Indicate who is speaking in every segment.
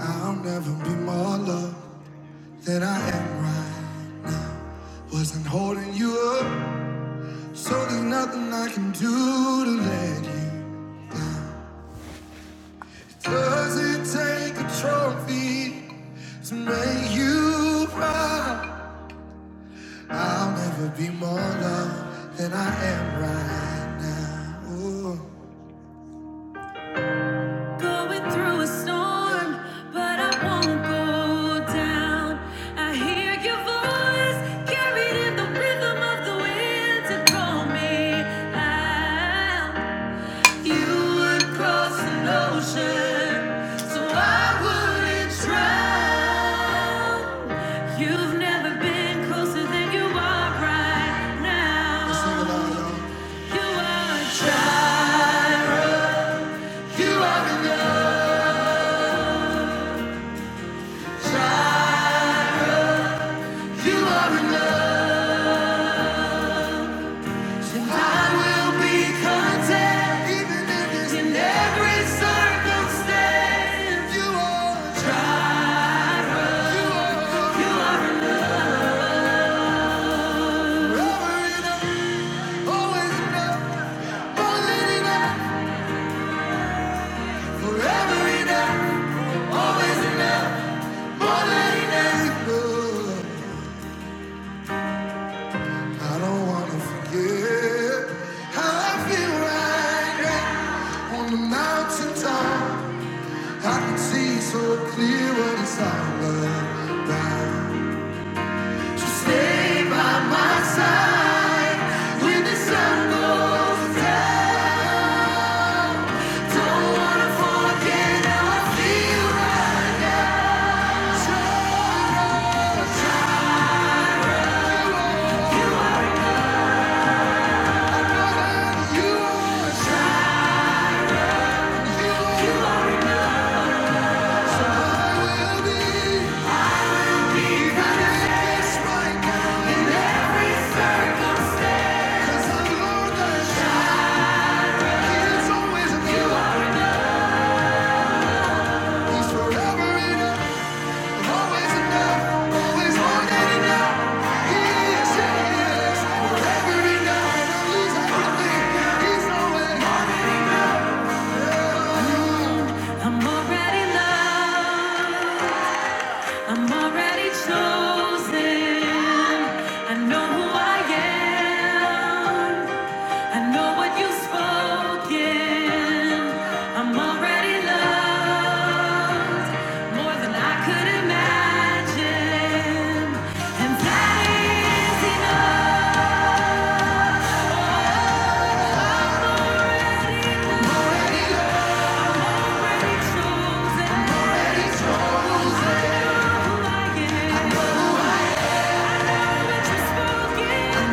Speaker 1: I'll never be more loved than I am right. Wasn't holding you up, so there's nothing I can do to let you. Does it take a trophy to make you proud? I'll never be more loved than I am right now. Ooh. Going through a storm, but I won't go down. I hear your voice carried in the rhythm of the wind to call me out. You would cross an ocean, so I wouldn't drown. You've never been closer than you are right now. y'all. You are, a child. you are enough. You are enough, so I will be content, even if it's in every circumstance. You are trial, you are, you are forever enough, always enough, more than enough, forever enough, always enough, more than enough. I don't wanna forget how I feel right now on the mountaintop. I can see so clear what it's all about. So stay by my side when the sun goes down. Don't wanna forget how I feel right now. You are, you are, you are all I will be. Even if it's right now. In every circumstance. 'Cause I I'm Lord that it's always a you. are. He's forever in I'm already loved. I'm already chosen. I know who I am. I know what you've spoken. I'm already loved more than I could imagine. And that is enough. I'm Already chosen. I know who I am. I know what you've spoken. I've been chosen.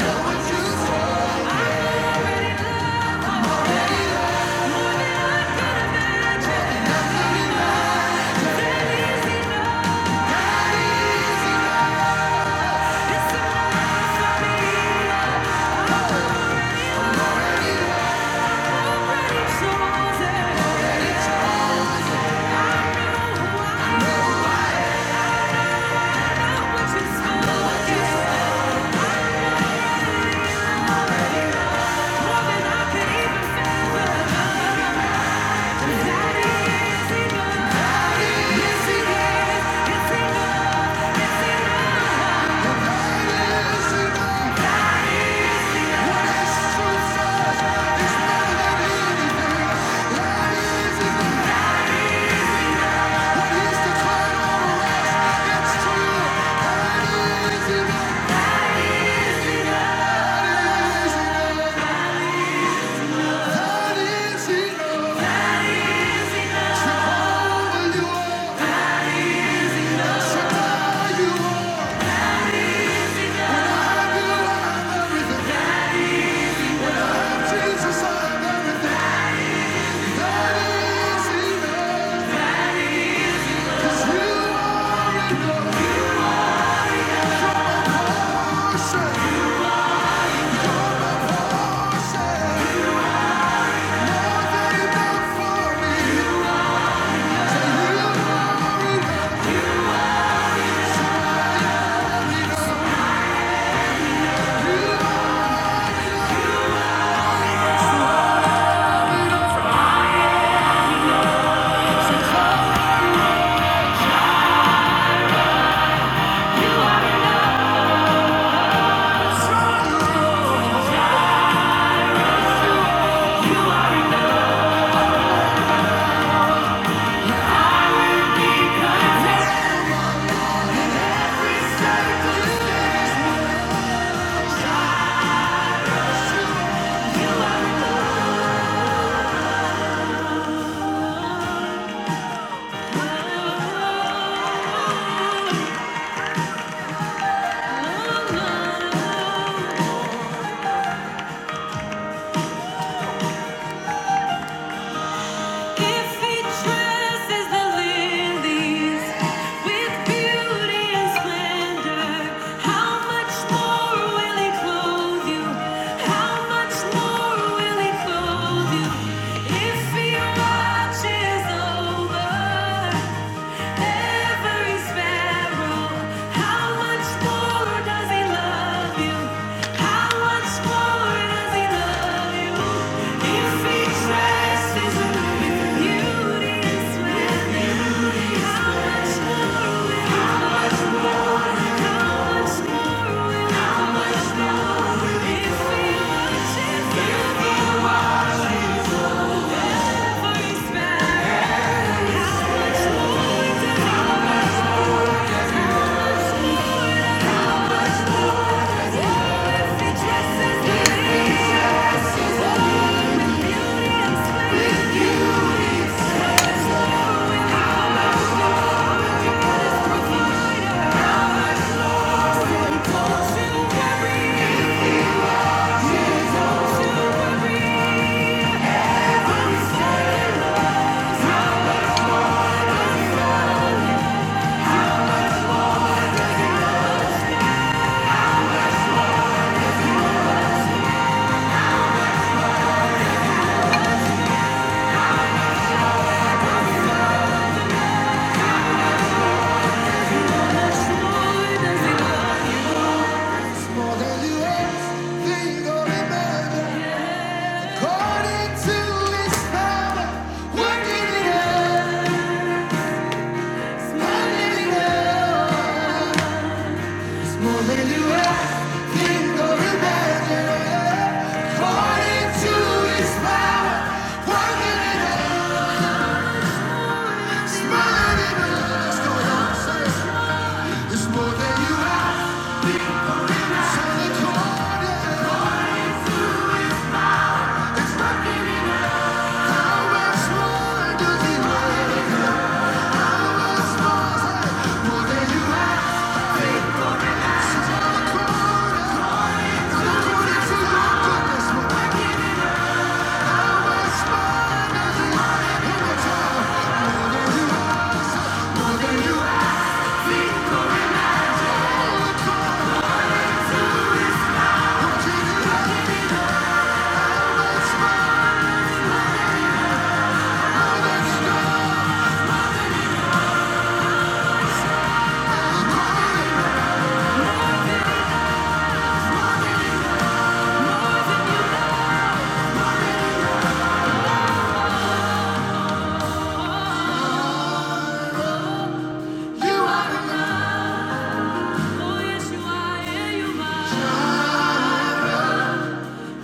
Speaker 1: Just know that is enough. Jesus, I'm everything. That is enough. 'Cause you are enough. Thank you. If he dresses the lilies with beauty and splendor, how much more will he clothe you? How much more will he clothe you? If he watches over Every sparrow, how much more does he love you? How much more does he love you? If he trusts with beauty and splendor, how much more will how much more how much more if we worship if we worship every sparrow, More than you ever think or imagine. According to His power, working in us, working in us. More than you ever think or imagine. According to His power, working in us, working in us. Let's go, y'all. Say it. It's more than you ask. It's all according. It's working.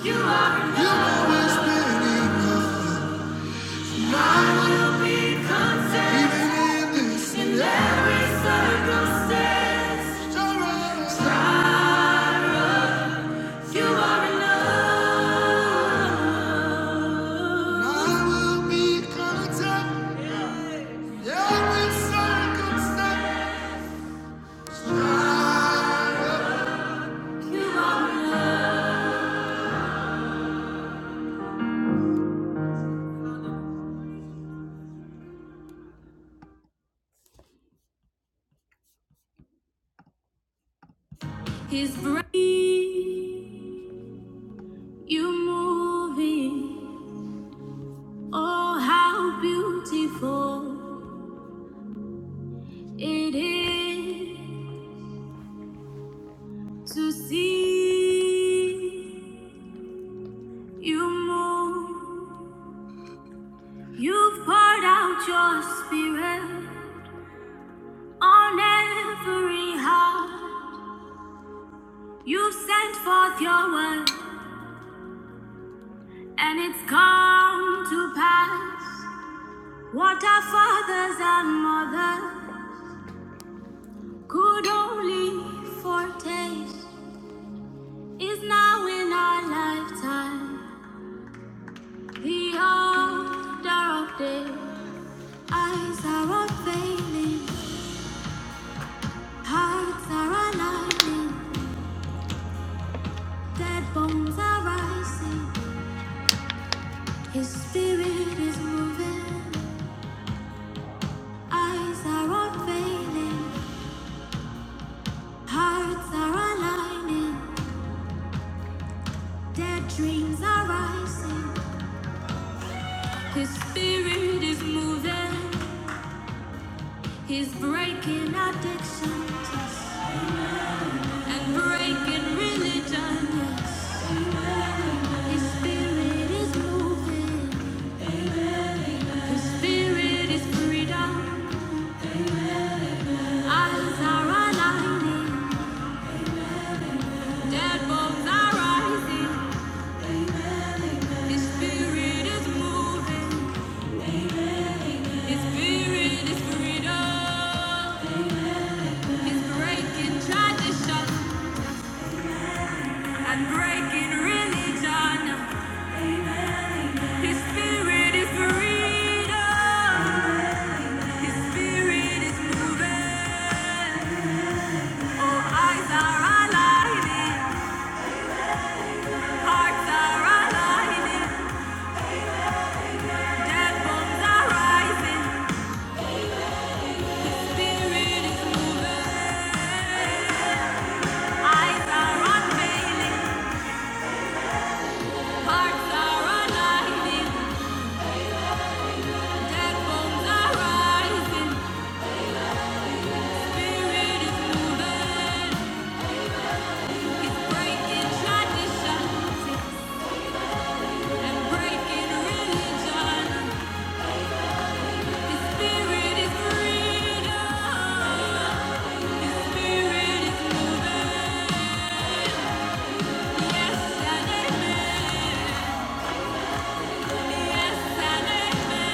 Speaker 1: You are enough. You always been enough. You are enough. You are enough. He's breathing, you moving. Oh, how beautiful it is. To see you move, you've poured out your spirit on every heart. You've sent forth your word, and it's come to pass. What our fathers and mothers could only foretaste is now in our lifetime. The order of day, eyes are unveiling. Hearts are aligning, dead bones are rising. His spirit is moving, eyes are unveiling. Hearts are aligning, dead dreams are rising. His spirit is moving, he's breaking addictions and breaking religion. His spirit is moving, his spirit is freedom. Eyes are aligning. Our life, Hearts are aligning, dead bones are rising. Yes, and amen. Yes, amen.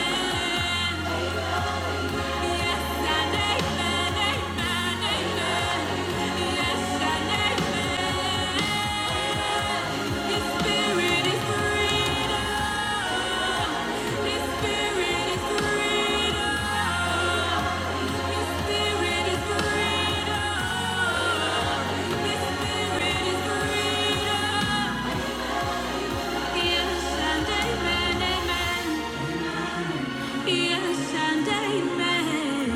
Speaker 1: Yes and amen.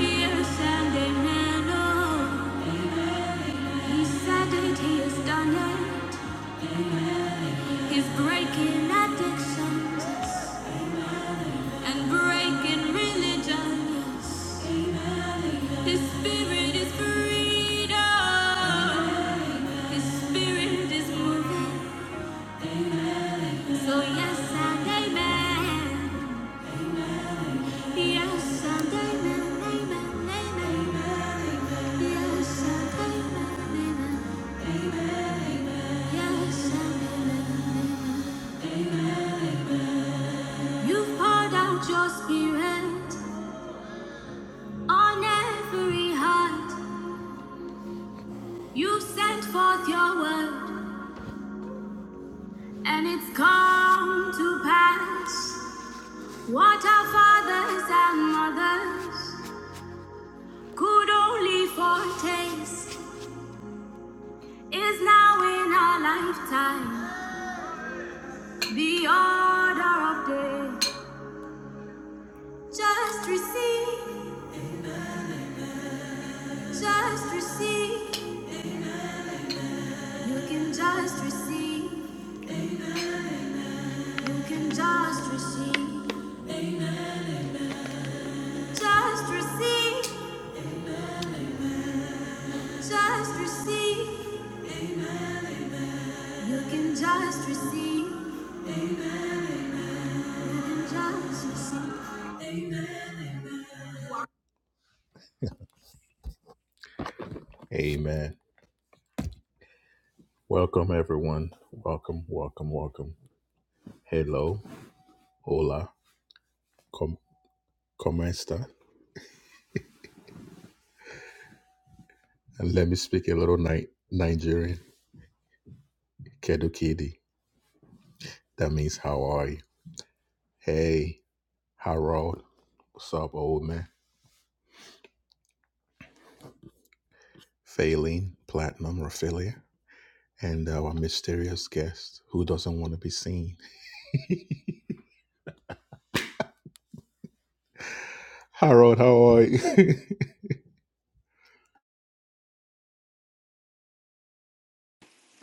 Speaker 1: Yes and amen. Oh. He said it, he has done it. He's breaking addictions and breaking religions. His spirit is freedom. His spirit is moving. So yes and amen. Yes and amen. Amen. Amen. Yes and amen. Amen. Yes and amen. amen. You've poured out your spirit. On every heart, you sent forth your word, and it's come to pass. What our fathers and mothers could only foretaste is now in our lifetime the order of day. Just receive, just receive. You can just receive, you can just receive. Just receive, just receive. You can just receive, you can just receive.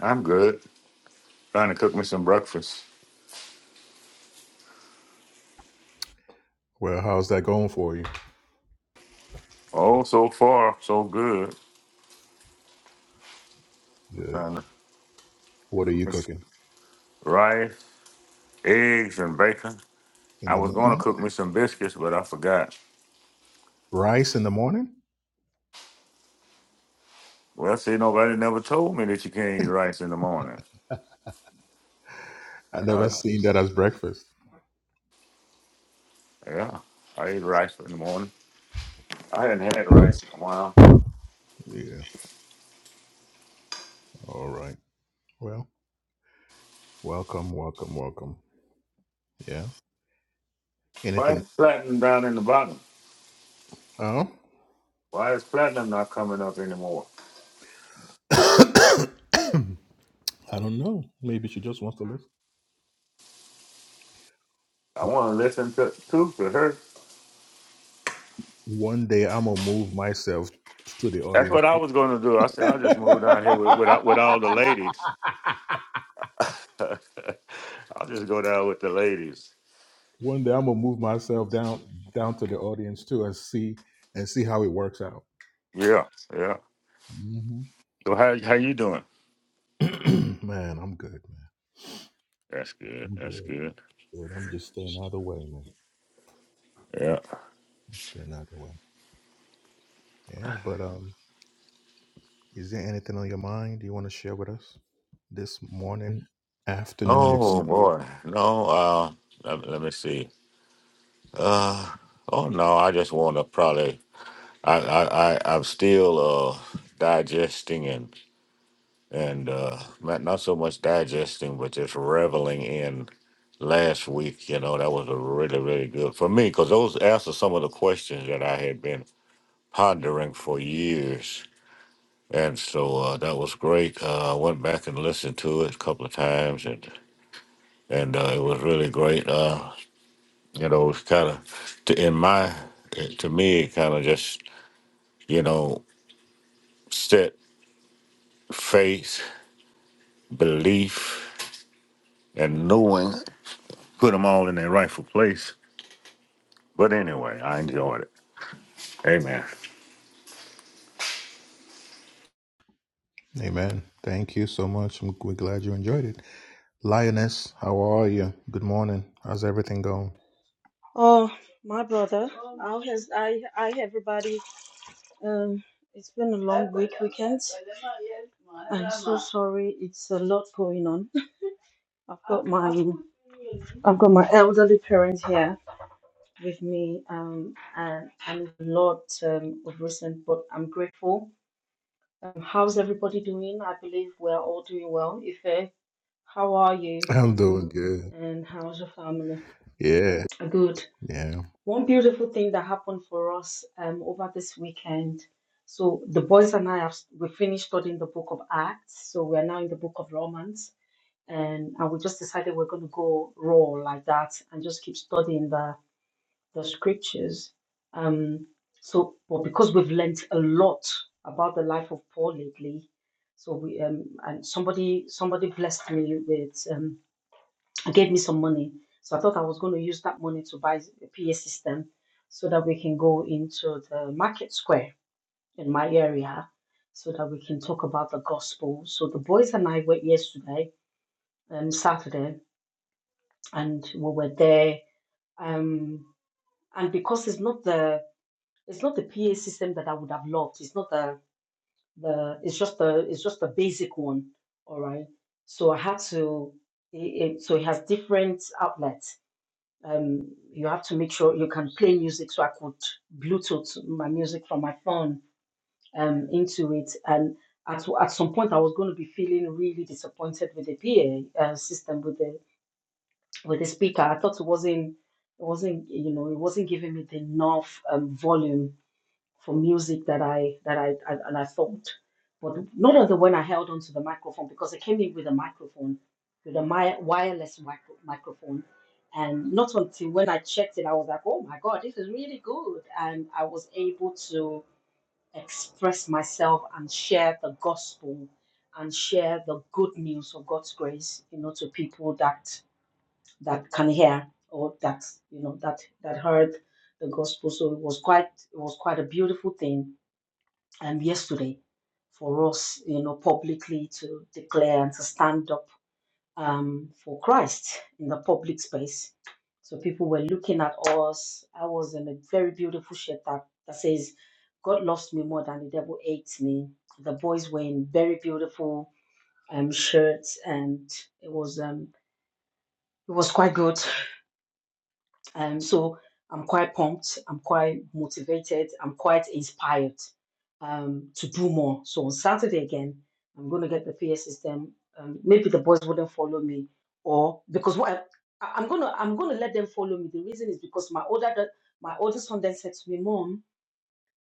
Speaker 2: I'm good. Trying to cook me some breakfast. Oh, so far, so good. Trying to cook me some rice, eggs, and bacon. I was going to cook me some biscuits, but I forgot. Well, see, nobody never told me that you can't eat rice in the morning. I, yeah, I eat rice in the morning. I hadn't had rice in a while. Why is platinum down in the bottom? Why is platinum not coming up anymore? I want to listen to, to, to her. That's what I was going to do. I said, I'll just move down here with, with, with all the ladies. I'll just go down with the ladies. Yeah, yeah. So how how you doing? That's good. That's good. Yeah. Oh boy. No. Uh. Let, let me see. Uh. Oh no. I just want to probably. I, I. I. I'm still uh digesting and and uh not not so much digesting, but just reveling in last week. You know that was a really really good for me because those answer some of the questions that I had been pondering for years And so uh, that was great. Uh, I went back and listened to it a couple of times, and and uh, it was really great. Uh, you know, it was kind of to in my it- to me, it kind of just you know set faith, belief, and knowing put them all in their rightful place. But anyway, I enjoyed it. Amen.
Speaker 3: Oh, my brother, how has I? I everybody. Um, it's been a long week weekend. I'm so sorry. It's a lot going on. I've got my I've got my elderly parents here with me. Um, and and a lot um, of recent, but I'm grateful. Um, how's everybody doing? I believe we're all doing well. Ife, how are you? And how's your family? Good. One beautiful thing that happened for us um, over this weekend. So the boys and I have we finished studying the book of Acts, so we are now in the book of Romans, and and we just decided we're going to go raw like that and just keep studying the the scriptures. Um, so, but because we've learnt a lot about the life of Paul lately, so we um, and somebody somebody blessed me with um, gave me some money. So I thought I was going to use that money to buy a PA system so that we can go into the market square in my area so that we can talk about the gospel. So the boys and I went yesterday, um, Saturday, and we were there. Um, and because it's not the it's not the PA system that I would have loved. It's not the the it's just the it's just the basic one. All right. So I had to it, it, so it has different outlets um, you have to make sure you can play music. So I could Bluetooth my music from my phone um, into it. And at, at some point, I was going to be feeling really disappointed with the PA uh, system, with the with the speaker. I thought it wasn't it wasn't you know it wasn't giving me the enough um, volume from music that I that I, I and I thought, but not on the when I held onto the microphone because I came in with a microphone, with a mi- wireless micro- microphone, and not until when I checked it, I was like, oh my god, this is really good, and I was able to express myself and share the gospel and share the good news of God's grace, you know, to people that that can hear or that you know that that heard the gospel. So it was quite it was quite a beautiful thing um, yesterday for us, you know, publicly to declare and to stand up um, for Christ in the public space. So people were looking at us. I was in a very beautiful shirt that, that says, God loves me more than the devil hates me. The boys were in very beautiful um, shirts and it was um, it was quite good. Um, so I'm quite pumped. I'm quite motivated. I'm quite inspired um, to do more. So on Saturday again, I'm going to get the PA system. Um, maybe the boys wouldn't follow me, or because what I, I- I'm going to I'm going to let them follow me. The reason is because my older da- my oldest son then said to me, "Mom,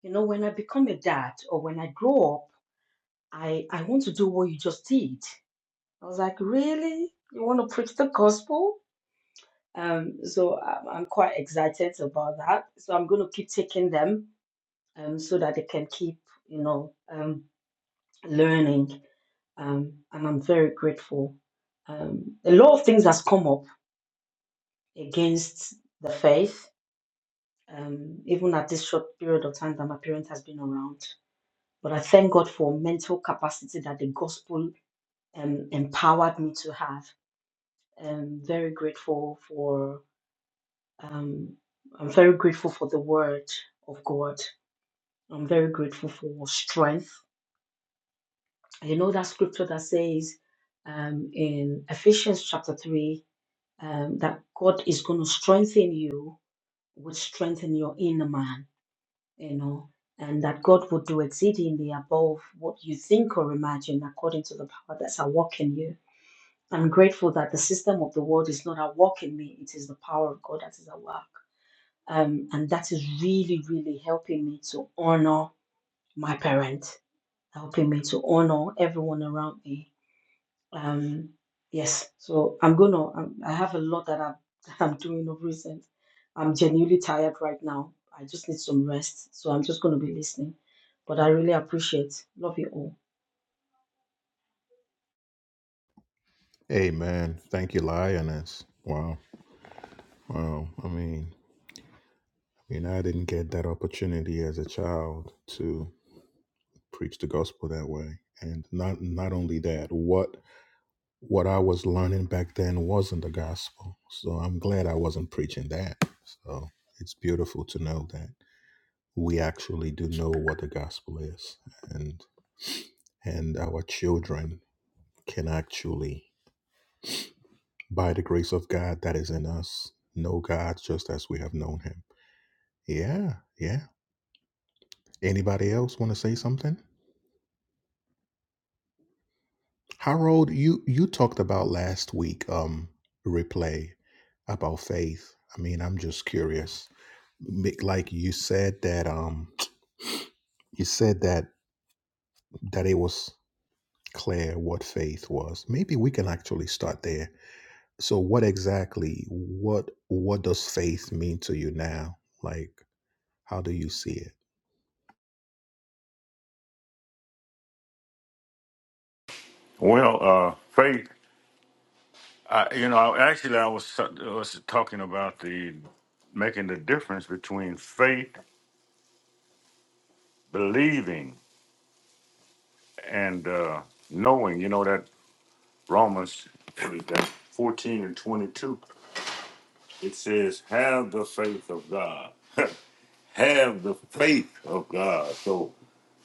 Speaker 3: you know when I become a dad or when I grow up, I I want to do what you just did." I was like, "Really? You want to preach the gospel?" Um, so I'm, I'm quite excited about that. So I'm going to keep taking them um, so that they can keep, you know, um, learning. Um, and I'm very grateful. Um, a lot of things has come up against the faith, um, even at this short period of time that my parents has been around. But I thank God for mental capacity that the gospel um, empowered me to have. I'm very grateful for. Um, I'm very grateful for the word of God I'm very grateful for strength. You know that scripture that says um, in Ephesians chapter 3 um, that God is going to strengthen you, would strengthen your inner man, you know, and that God would do exceedingly above what you think or imagine according to the power that's at work in you. I'm grateful that the system of the world is not at work in me, it is the power of God that is at work. Um, and that is really, really helping me to honor my parent helping me to honor everyone around me. Um, yes, so I'm gonna. I'm, I have a lot that I'm that I'm doing of recent. I'm genuinely tired right now. I just need some rest, so I'm just gonna be listening. But I really appreciate. Love you all.
Speaker 2: Well, uh, faith. I, you know, I- actually, I was was talking about the making the difference between faith, believing, and uh, knowing, you know, that Romans what is that, 14 and 22, it says, have the faith of God. have the faith of God. So,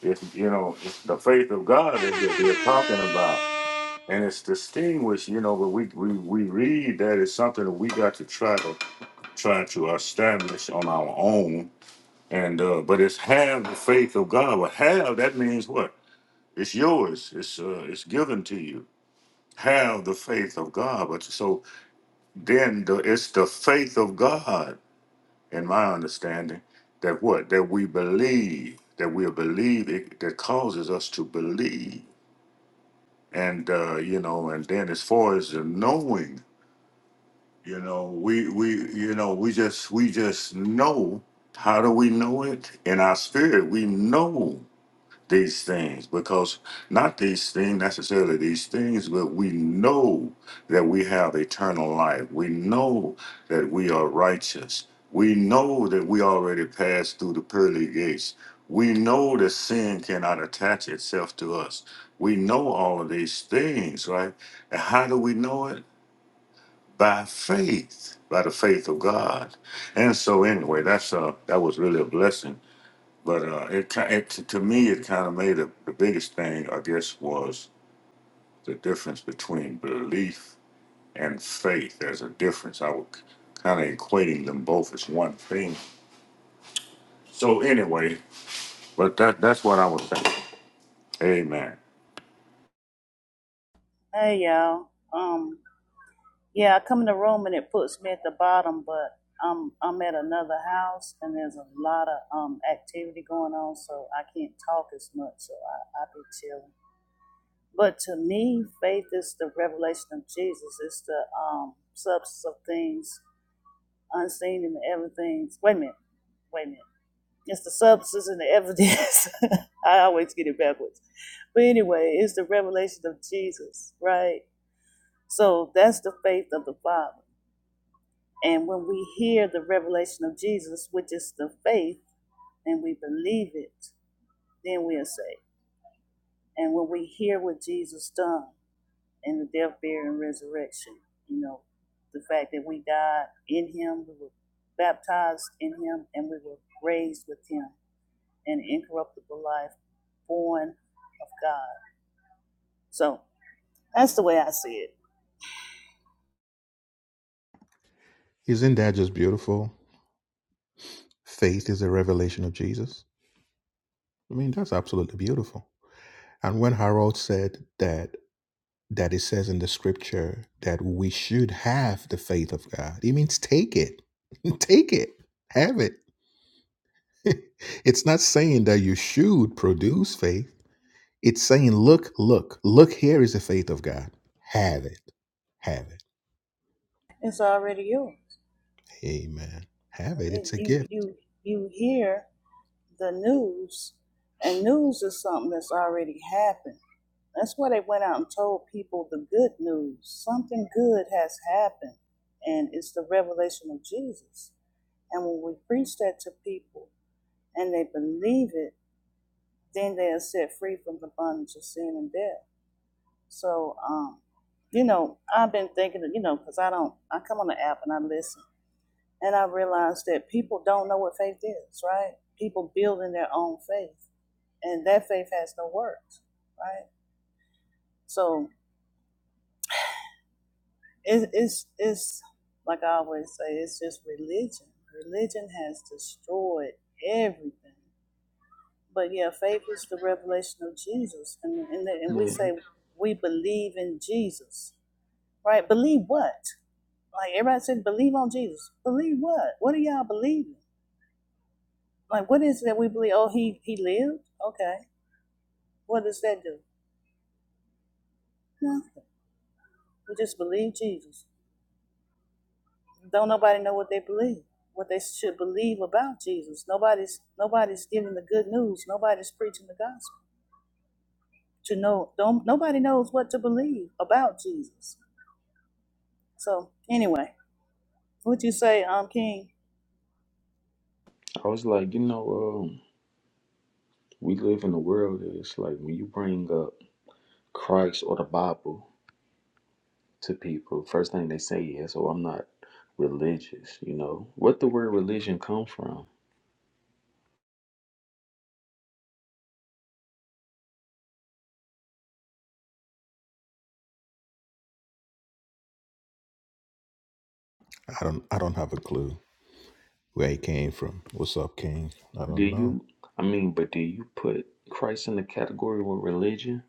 Speaker 2: it's, you know, it's the faith of God is what we're talking about. And it's distinguished, you know, but we, we, we read that it's something that we got to try to try to establish on our own. And uh, but it's have the faith of God. Well, have that means what? It's yours. It's uh, it's given to you have the faith of God. But so then the, it's the faith of God, in my understanding, that what? That we believe, that we believe it, that causes us to believe. And, uh, you know, and then as far as the knowing, you know, we, we, you know, we just, we just know. How do we know it? In our spirit, we know these things because not these things necessarily these things but we know that we have eternal life we know that we are righteous we know that we already passed through the pearly gates we know that sin cannot attach itself to us we know all of these things right and how do we know it by faith by the faith of god and so anyway that's uh that was really a blessing but uh, it, ki- it to me, it kind of made a, the biggest thing, I guess, was the difference between belief and faith. There's a difference. I was kind of equating them both as one thing. So anyway, but that that's what I was thinking. Amen.
Speaker 4: Hey y'all. Um yeah, I come in the room and it puts me at the bottom, but I'm I'm at another house and there's a lot of um activity going on, so I can't talk as much. So I I be chilling. But to me, faith is the revelation of Jesus. It's the um substance of things unseen and the everything's. Wait a minute. Wait a minute. It's the substance and the evidence. I always get it backwards. But anyway, it's the revelation of Jesus, right? So that's the faith of the Father. And when we hear the revelation of Jesus, which is the faith, and we believe it, then we are saved. And when we hear what Jesus done in the death, burial, and resurrection, you know, the fact that we died in Him, we were baptized in Him, and we were raised with Him an incorruptible life, born of God. So that's the way I see it. It's already yours. You you you hear the news, and news is something that's already happened. That's why they went out and told people the good news. Something good has happened, and it's the revelation of Jesus. And when we preach that to people and they believe it, then they are set free from the bondage of sin and death. So, um, you know, I've been thinking, you know, because I don't, I come on the app and I listen, and I realize that people don't know what faith is, right? People building their own faith and that faith has no works, right? So it, it's it's like I always say, it's just religion. Religion has destroyed everything. But yeah, faith is the revelation of Jesus, and and, the, and we
Speaker 5: Yeah,
Speaker 4: say we believe in Jesus, right? Believe what? Like everybody said, believe on Jesus. Believe what? What are y'all believing? Like what is it that we believe? Oh, he he lived. Okay, what does that do? Nothing. We just believe Jesus. Don't nobody know what they believe, what they should believe about Jesus. Nobody's nobody's giving the good news. Nobody's preaching the gospel. To know, don't nobody knows what to believe about Jesus. So anyway, what you say, um, King
Speaker 5: I was like, you know, um, we live in a world that it's like when you bring up Christ or the Bible to people, first thing they say is, "Oh, I'm not religious." You know, what the word religion come from? Do you? I mean, but do you put Christ in the category with religion?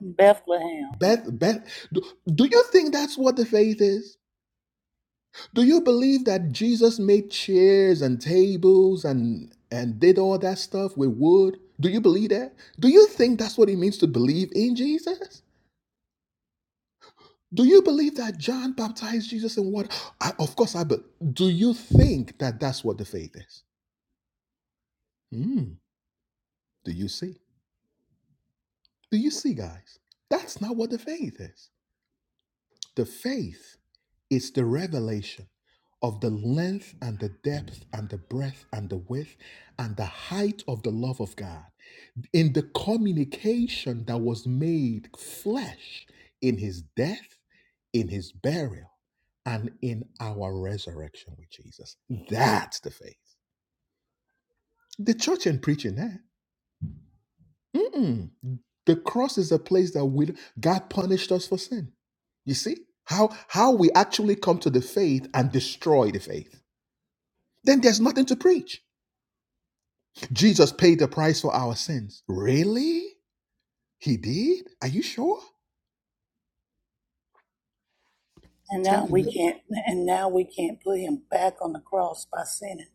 Speaker 4: Bethlehem, and now we can't, and now we can't put him back on the cross by sinning.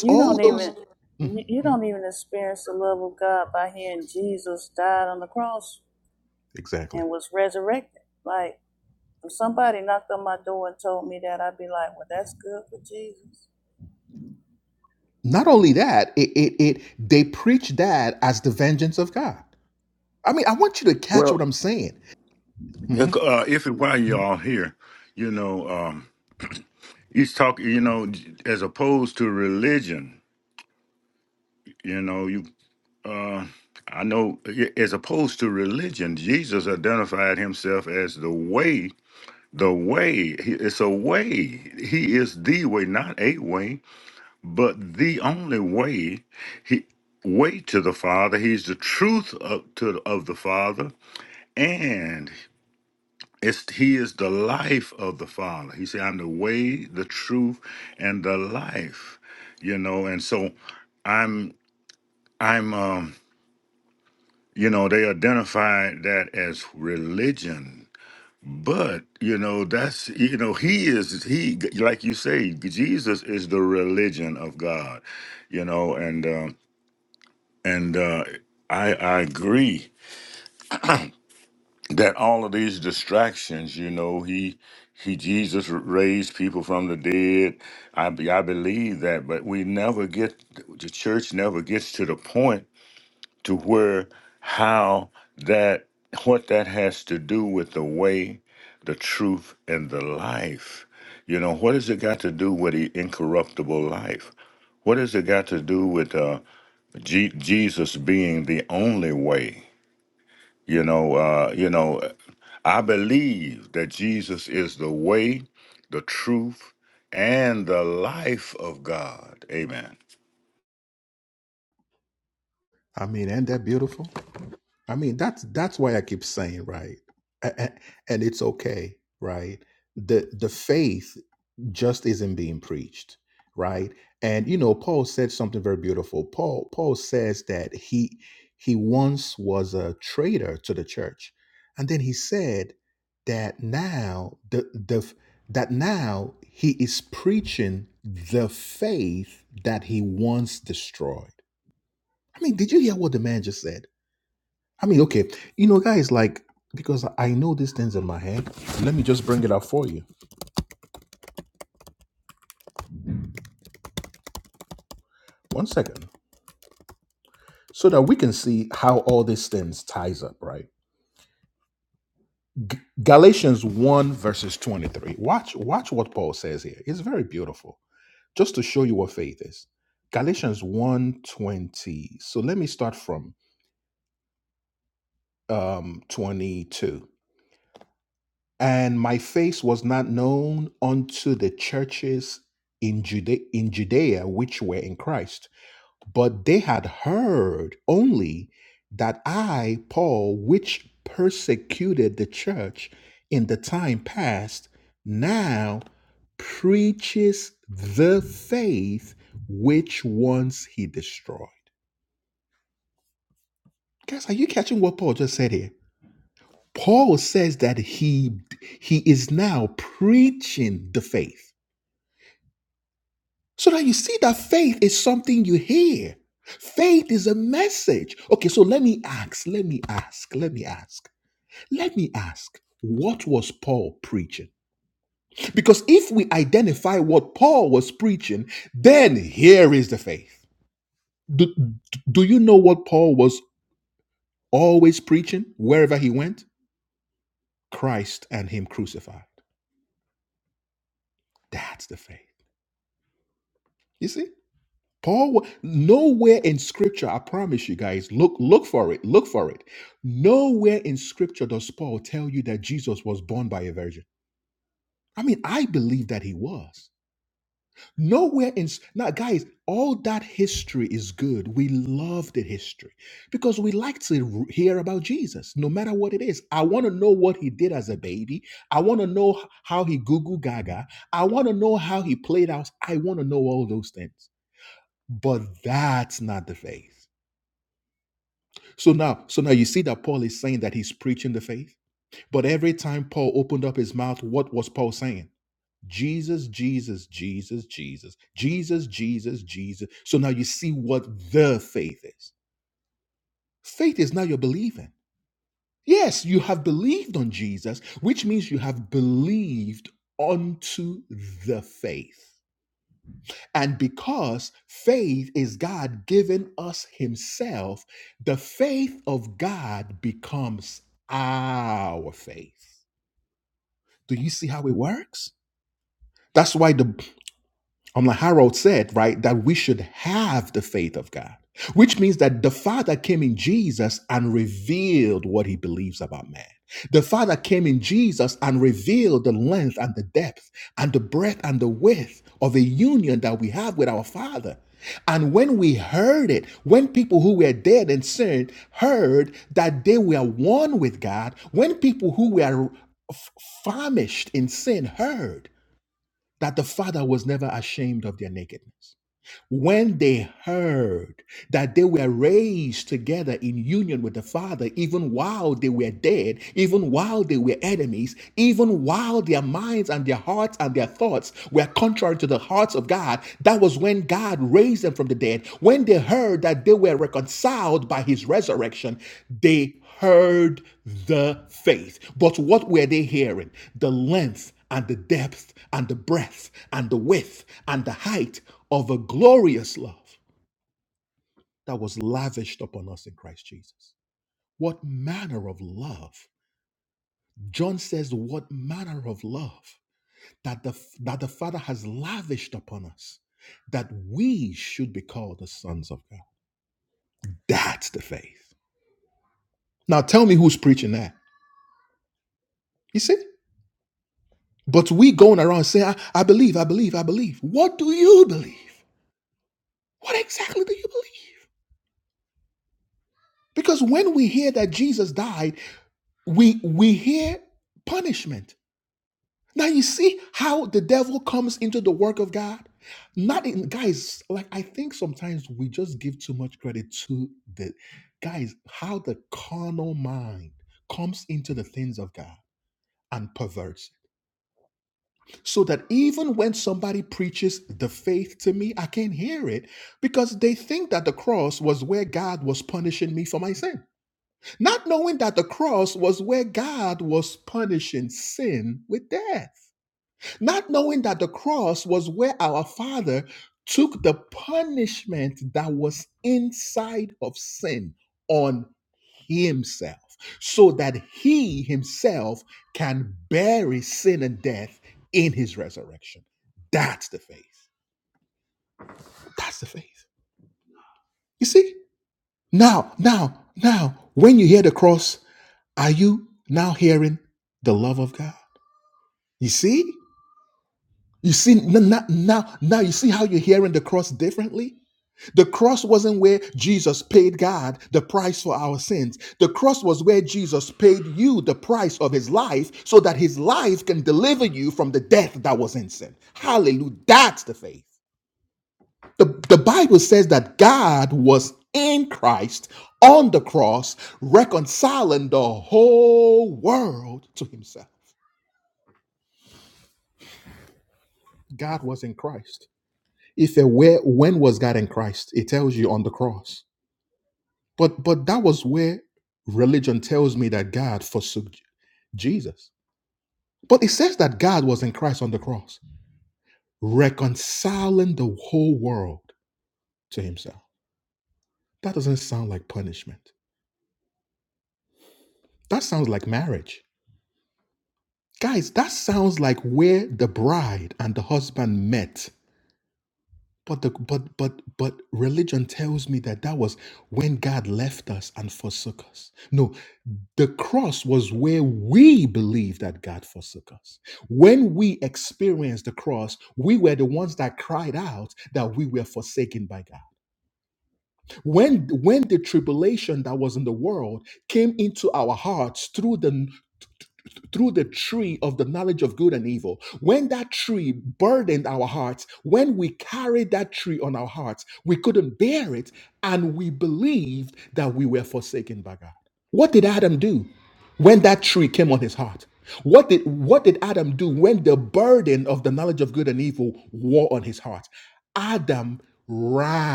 Speaker 4: You don't even, you you don't even experience the love of God by hearing Jesus died on the cross and was resurrected. Like If somebody knocked on my door and told me that, I'd be like, well, that's good for Jesus.
Speaker 2: Well, look, uh, if and while you're all here, you know, um, he's talking, you know, as opposed to religion, you know, you, uh, I know, as opposed to religion, Jesus identified himself as the way The way, he- it's a way. He is the way, not a way, but the only way. He way to the Father. He's the truth of to of the Father, and it's he is the life of the Father. He said, "I'm the way, the truth, and the life." You know, and so I'm I'm um you know they identified that as religion But you know, that's you know, he is he like you say, Jesus is the religion of God, you know, and um, and uh, I I agree that all of these distractions, you know, he he Jesus raised people from the dead. I be- I believe that, but we never get the church never gets to the point to where how that what that has to do with the way the truth and the life you know what has it got to do with the incorruptible life what has it got to do with uh Je- jesus being the only way you know uh you know i believe that jesus is the way the truth and the life of god amen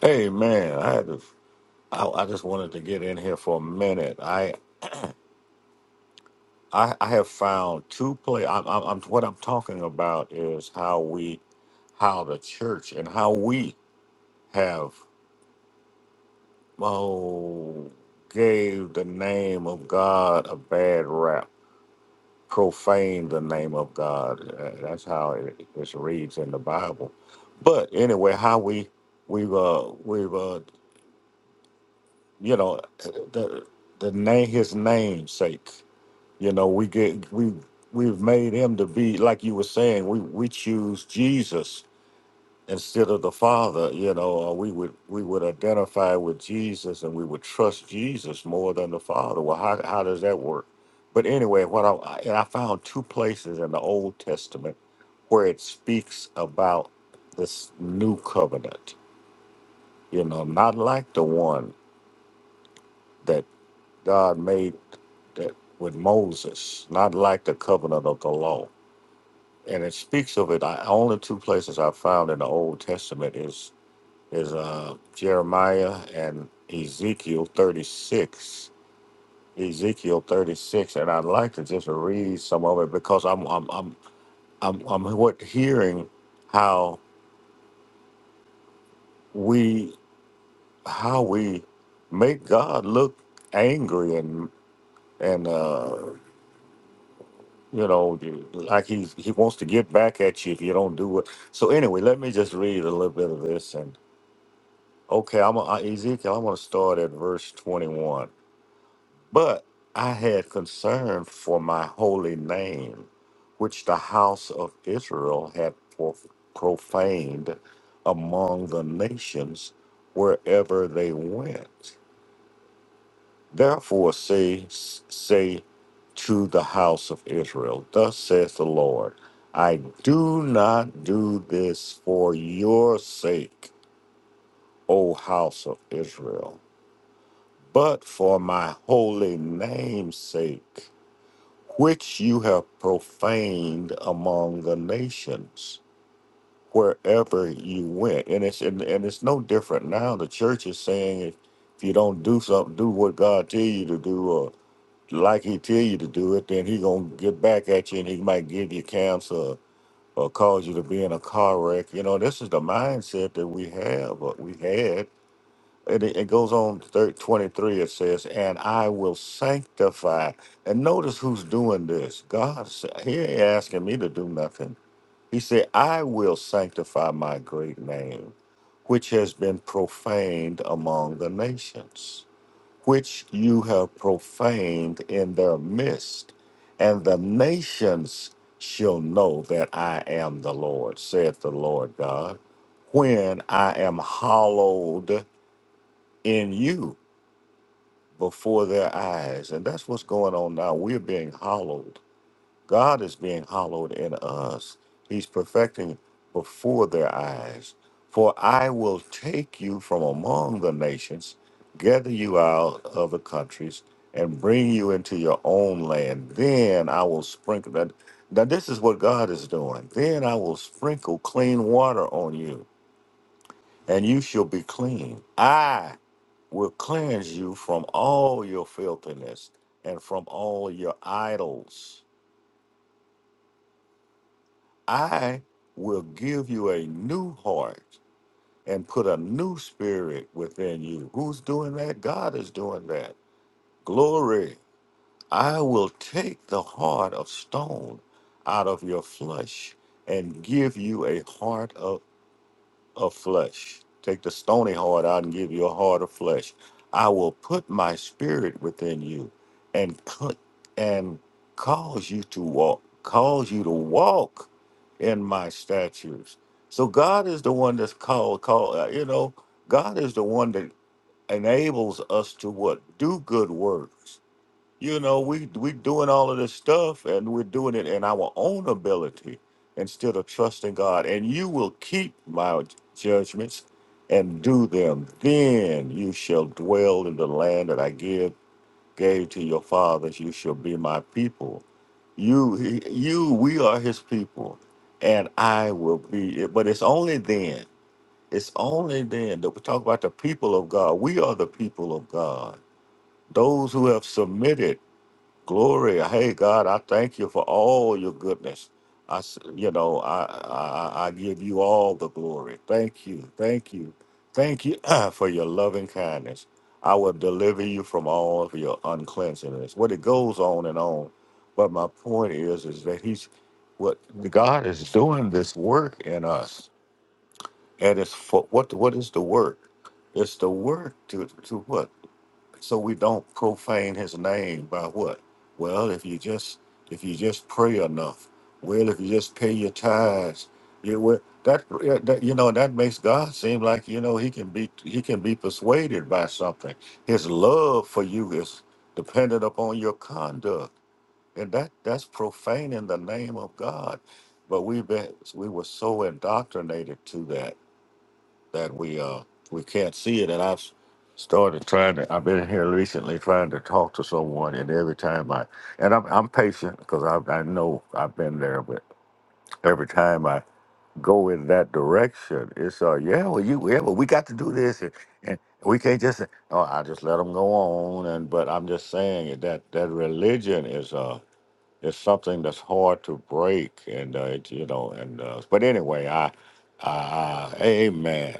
Speaker 2: Hey man, I had to I, I just wanted to get in here for a minute. I I, I have found two play. I'm, I'm, I'm what I'm talking about is how we, how the church, and how we have oh gave the name of God a bad rap, profaned the name of God. Uh, That's how it, it reads in the Bible. But anyway, how we we've uh, we've uh, you know the the name his namesake. You know, we get we we've made him to be like you were saying. We we choose Jesus instead of the Father. You know, or we would we would identify with Jesus and we would trust Jesus more than the Father. Well, how how does that work? But anyway, what I I- and I found two places in the Old Testament where it speaks about this new covenant. You know, not like the one that God made that with Moses, not like the covenant of the law and it speaks of it. I, only two places I found in the Old Testament is is uh, Jeremiah and Ezekiel thirty six. Ezekiel thirty six, and I'd like to just read some of it because I'm I'm I'm I'm, I'm what hearing how we how we make God look angry and and uh, you know like he he wants to get back at you if you don't do it. So anyway, let me just read a little bit of this and. Okay, I'm a, I- Ezekiel. I'm going to start at verse 21. But I had concern for my holy name, which the house of Israel had prof- profaned among the nations wherever they went. Therefore, say, say to the house of Israel, Thus says the Lord, I do not do this for your sake, O house of Israel but for my holy name's sake, which you have profaned among the nations, wherever you went. And it's and, and it's no different now. The church is saying if, if you don't do something, do what God tell you to do, or like He tell you to do it, then He gonna get back at you, and He might give you cancer or, cause you to be in a car wreck. You know, this is the mindset that we have, or we had and it, it goes on thir 23, it says, and I will sanctify. And notice who's doing this. God, s- he ain't asking me to do nothing. He said, I will sanctify my great name, which has been profaned among the nations, which you have profaned in their midst. And the nations shall know that I am the Lord, saith the Lord God, when I am hallowed in you before their eyes. And that's what's going on now. We're being hollowed. God is being hollowed in us. He's perfecting before their eyes. For I will take you from among the nations, gather you out of the countries, and bring you into your own land. Then I will sprinkle that. Now, this is what God is doing. Then I will sprinkle clean water on you, and you shall be clean. I will cleanse you from all your filthiness and from all your idols. I will give you a new heart and put a new spirit within you. Who's doing that? God is doing that. Glory. I will take the heart of stone out of your flesh and give you a heart of of flesh. Take the stony heart out and give you a heart of flesh. I will put my spirit within you and cl- and cause you to walk, cause you to walk in my statutes. So God is the one that's called, called uh, you know, God is the one that enables us to what? Do good works. You know, we we doing all of this stuff and we're doing it in our own ability instead of trusting God. And you will keep my judgments and do them. Then you shall dwell in the land that I give gave to your fathers. You shall be my people. You he- you we are his people. And I will be but it's only then. It's only then that we talk about the people of God. We are the people of God. Those who have submitted Glory, hey God, I thank you for all your goodness. I, s- you know, I, I I give you all the glory. Thank you, thank you, thank you for your loving kindness. I will deliver you from all of your uncleanness. What it goes on and on, but my point is, is that He's what God is doing this work in us, and it's for what? What is the work? It's the work to to what? so we don't profane his name by what well if you just if you just pray enough well if you just pay your tithes you will that, yeah, that you know that makes god seem like you know he can be he can be persuaded by something his love for you is dependent upon your conduct and that that's profaning the name of god but we have been we were so indoctrinated to that that we uh we can't see it and i've started trying to i've been here recently trying to talk to someone and every time i and i'm, I'm patient because I, I know i've been there but every time i go in that direction it's uh yeah well you yeah well we got to do this and, and we can't just say, oh i just let them go on and but i'm just saying it, that that religion is uh is something that's hard to break and uh it, you know and uh but anyway i uh, amen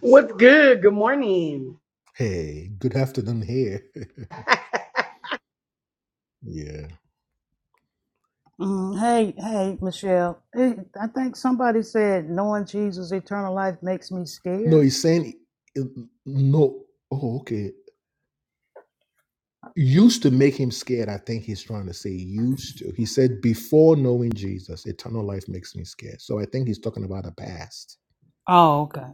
Speaker 6: What's good? Good morning.
Speaker 4: Mm, hey, hey, Michelle. Hey, I think somebody said knowing Jesus' eternal life makes me scared. Oh, okay.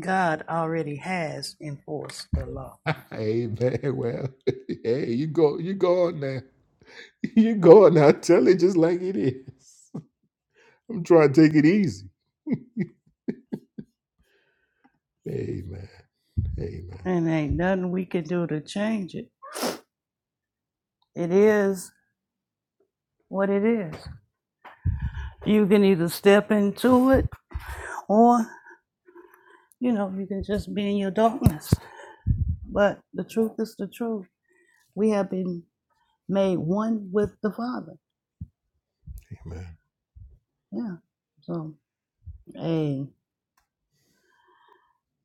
Speaker 4: God already has enforced the law, and ain't nothing we can do to change it. It is what it is. You can either step into it, or you know, you can just be in your darkness. But the truth is the truth. We have been made one with the Father. Yeah. So, hey,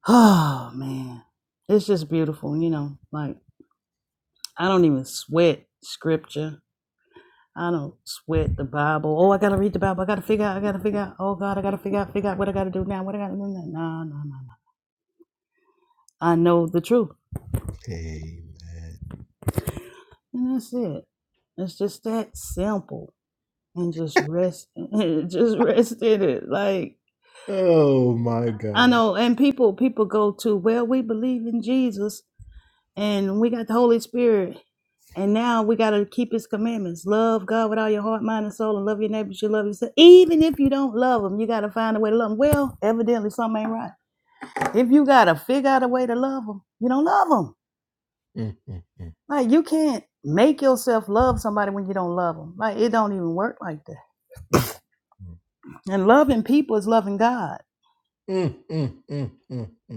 Speaker 4: oh man, it's just beautiful. You know, like I don't even sweat scripture. I don't sweat the Bible. Oh, I gotta read the Bible. I gotta figure out. I gotta figure out. Oh God, I gotta figure out. Figure out what I gotta do now. What I gotta do now. No, no, no, no. I know the truth, and that's it. It's just that simple. And just rest, just rest in it. Like I know, and people people go to well, we believe in Jesus, and we got the Holy Spirit, And now we got to keep his commandments. Love God with all your heart, mind, and soul, and love your neighbors. You love yourself. Even if you don't love them, you got to find a way to love them. Well, evidently something ain't right. If you got to figure out a way to love them, you don't love them. Like, you can't make yourself love somebody when you don't love them. Like, it don't even work like that. And loving people is loving God.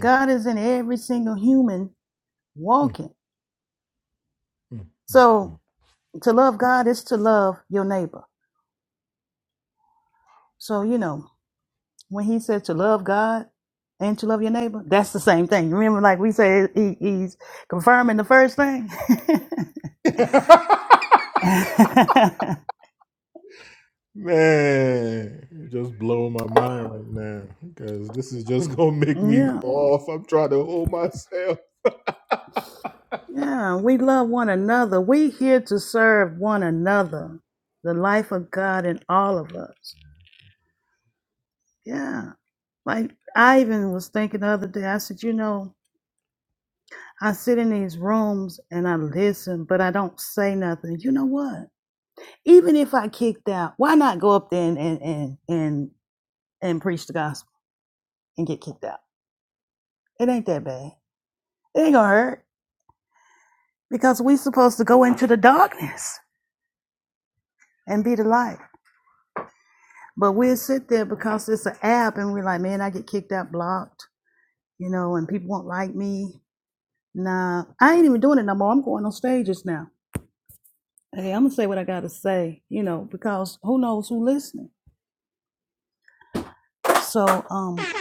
Speaker 4: God is in every single human walking. So, to love God is to love your neighbor. So, you know, When he said to love God and to love your neighbor, that's the same thing. Remember, like we said, he, he's confirming the first thing. yeah, yeah. We love one another. We here to serve one another. The life of God in all of us. Yeah. Like I even was thinking the other day. I said, you know, I sit in these rooms and I listen, but I don't say nothing. You know what? Even if I kicked out, why not go up there and and and, and and preach the gospel and get kicked out. It ain't that bad. It ain't gonna hurt because we supposed to go into the darkness and be the light. But we'll sit there because it's an app and we're like, man, I get kicked out, blocked, you know, and people won't like me. Nah, I ain't even doing it no more. I'm going on stages now. Hey, I'm gonna say what I gotta say, you know, because who knows who's listening. So, um,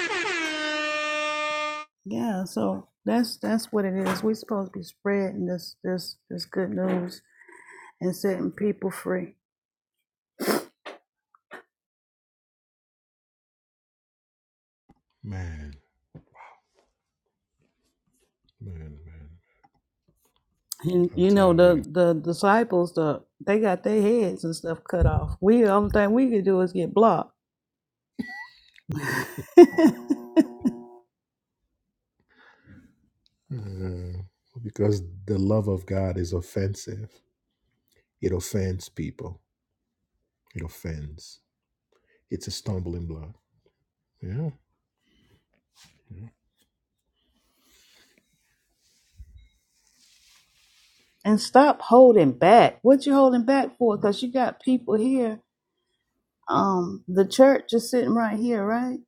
Speaker 4: yeah, so that's that's what it is. We're supposed to be spreading this this this good news and setting people free. And you know the the disciples, the they got their heads and stuff cut off. We the only thing we could do is get blocked. and stop holding back. What you holding back for? Because you got people here. Um, the church is sitting right here, right?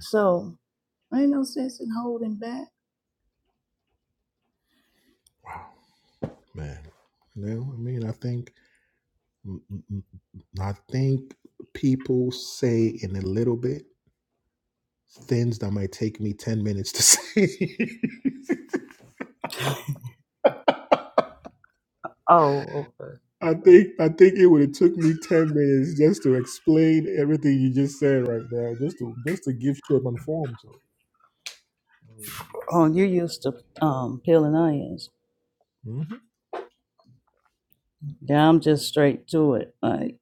Speaker 4: So ain't no sense in holding back. Oh, okay. Oh, you used to um peeling onions. Yeah, I'm just straight to it. Like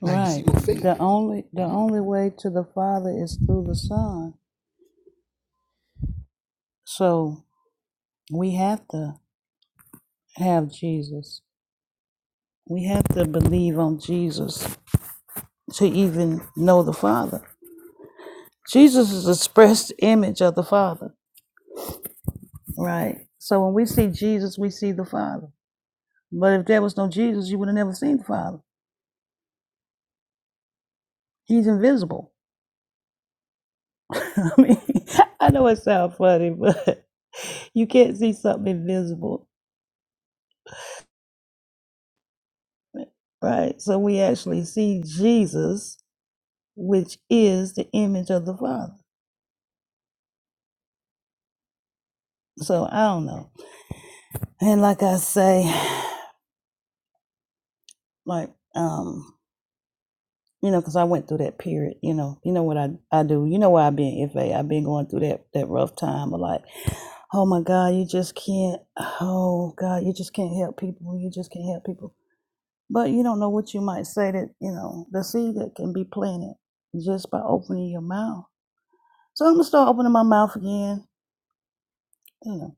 Speaker 4: right. The only the only way to the Father is through the Son. So We have to have Jesus. We have to believe on Jesus to even know the Father. Jesus is the expressed image of the Father, right? So when we see Jesus, we see the Father. But if there was no Jesus, you would have never seen the Father. He's invisible. I mean, I know it sounds funny, but you can't see something invisible, right? So we actually see Jesus, which is the image of the Father. So I don't know. And like I say, like um you know because i went through that period you know you know what i i do you know why i've been fa i've been going through that that rough time of like oh my god you just can't oh god you just can't help people you just can't help people but you don't know what you might say that you know the seed that can be planted just by opening your mouth so i'm gonna start opening my mouth again you know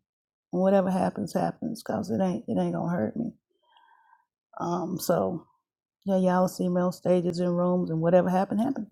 Speaker 4: and whatever happens happens because it ain't it ain't gonna hurt me um so yeah y'all see me on stages and rooms and whatever happened happened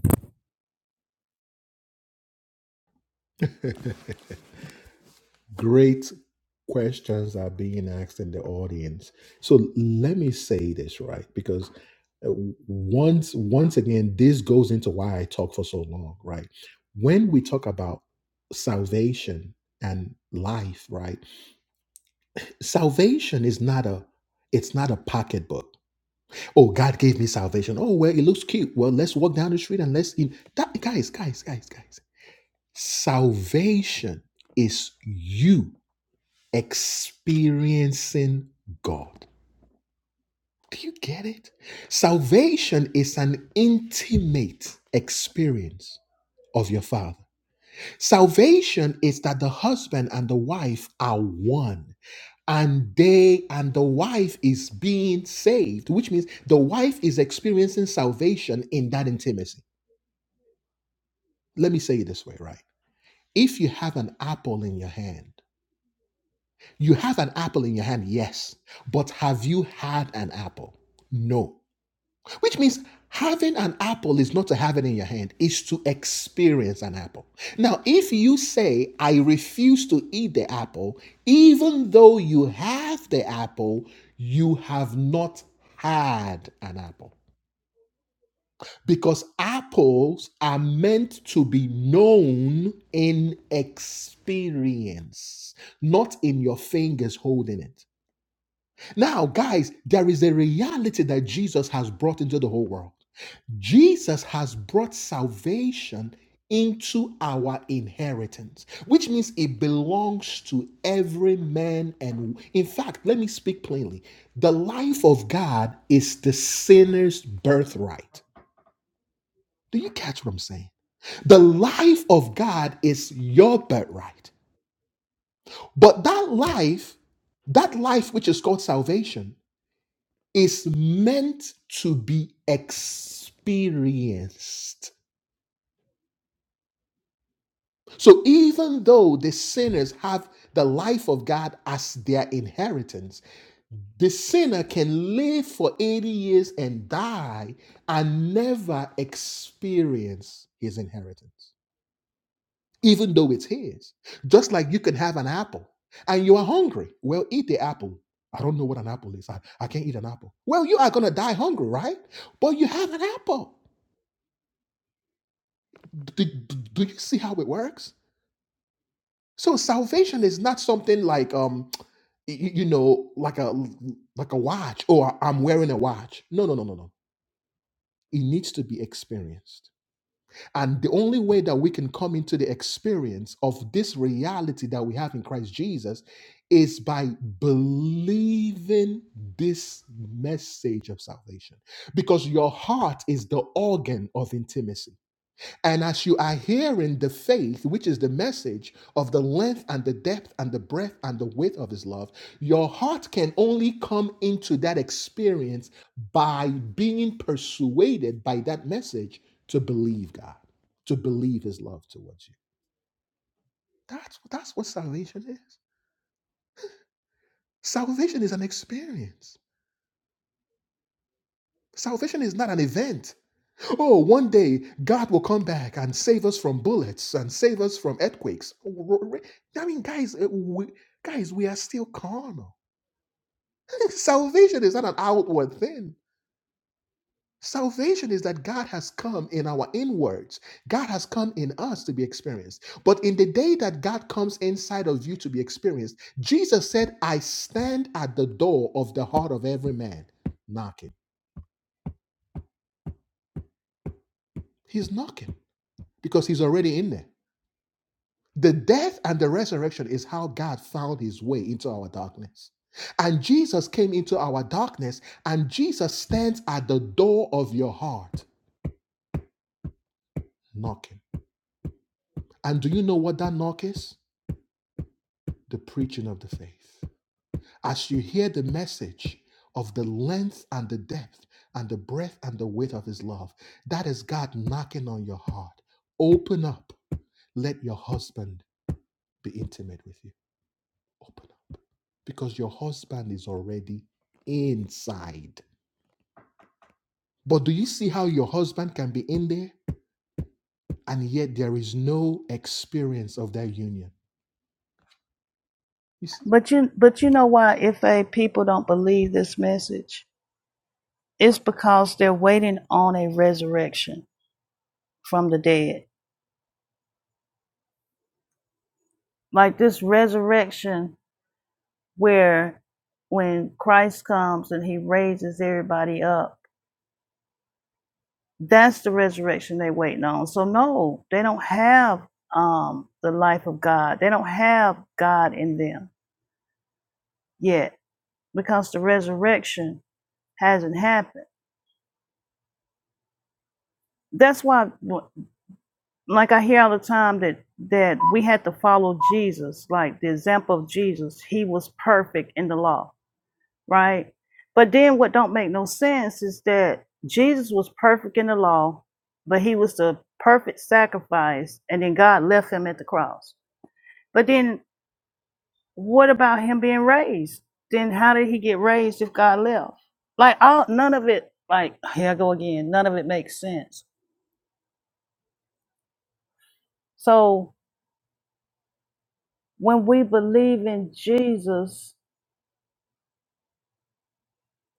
Speaker 4: But you but you know why if a people don't believe this message, it's because they're waiting on a resurrection from the dead. Like this resurrection where when Christ comes and he raises everybody up, that's the resurrection they're waiting on. So no, they don't have um the life of God. They don't have God in them yet because the resurrection hasn't happened. That's why like I hear all the time that that we had to follow Jesus, like the example of Jesus. He was perfect in the law, right? But then what don't make no sense is that Jesus was perfect in the law, but he was the perfect sacrifice, and then God left him at the cross. But then what about him being raised? Then how did he get raised if God left? Like all none of it, like here I go again, none of it makes sense. So when we believe in Jesus,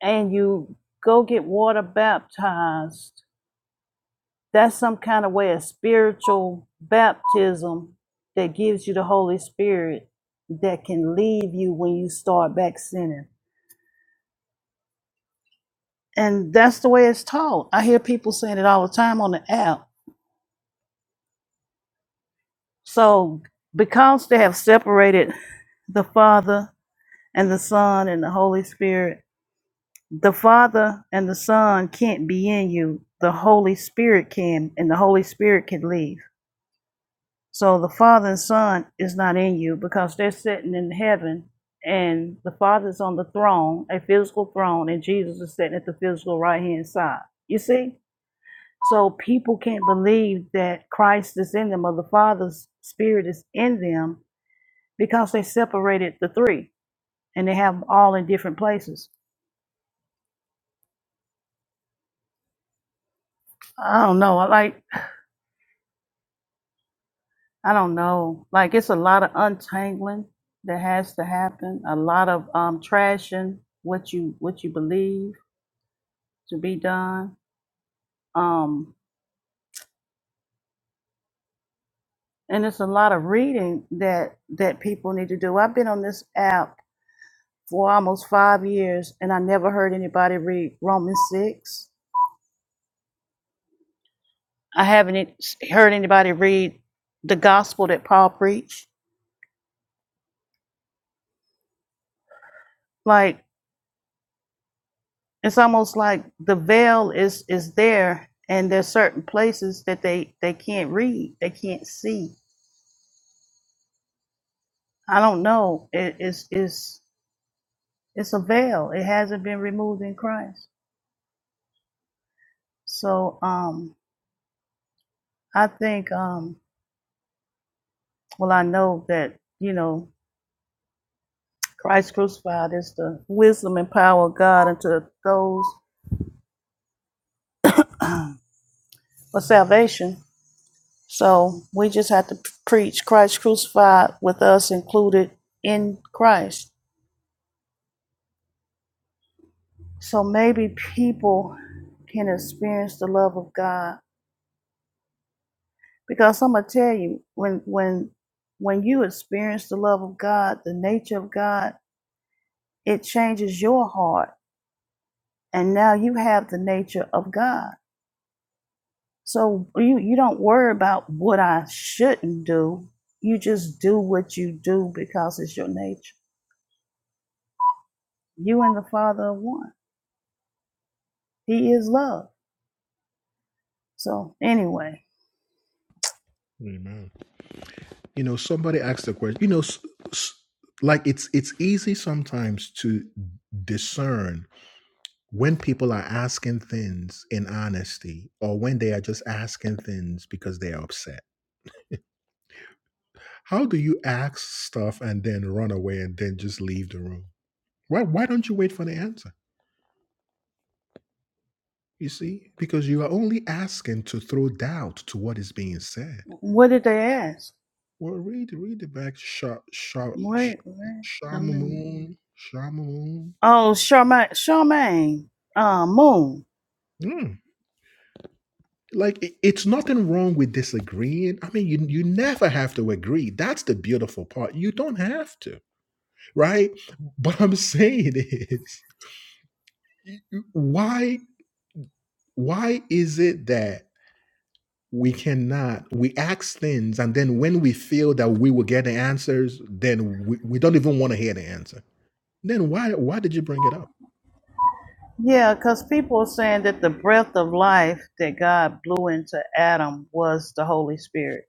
Speaker 4: and you go get water baptized, that's some kind of way of spiritual baptism that gives you the Holy Spirit that can leave you when you start back sinning. And that's the way it's taught. I hear people saying it all the time on the app. So, because they have separated the Father and the Son and the Holy Spirit, the Father and the Son can't be in you. The Holy Spirit can, and the Holy Spirit can leave. So the Father and Son is not in you because they're sitting in heaven and the Father's on the throne, a physical throne, and Jesus is sitting at the physical right hand side. You see? So people can't believe that Christ is in them or the Father's Spirit is in them because they separated the three and they have them all in different places. I don't know. I like, I don't know. Like, it's a lot of untangling that has to happen, a lot of um, trashing what you what you believe to be done. Um, and it's a lot of reading that that people need to do. I've been on this app for almost five years, and I never heard anybody read Romans six. I haven't e- heard anybody read the gospel that Paul preached. Like it's almost like the veil is is there, and there's certain places that they they can't read, they can't see. I don't know. It is is it's a veil. It hasn't been removed in Christ. So um I think, um, well, I know that, you know, Christ crucified is the wisdom and power of God unto those for salvation. So we just have to preach Christ crucified with us included in Christ. So maybe people can experience the love of God. Because I'm gonna tell you, when when when you experience the love of God, the nature of God, it changes your heart. And now you have the nature of God So you you don't worry about what I shouldn't do. You just do what you do because it's your nature. You and the Father are one. He is love. So anyway, what did they ask? Wait, wait. I mean, oh, Charmaine, Charmaine, uh, Moon. Yeah, because people are saying that the breath of life that God blew into Adam was the Holy Spirit.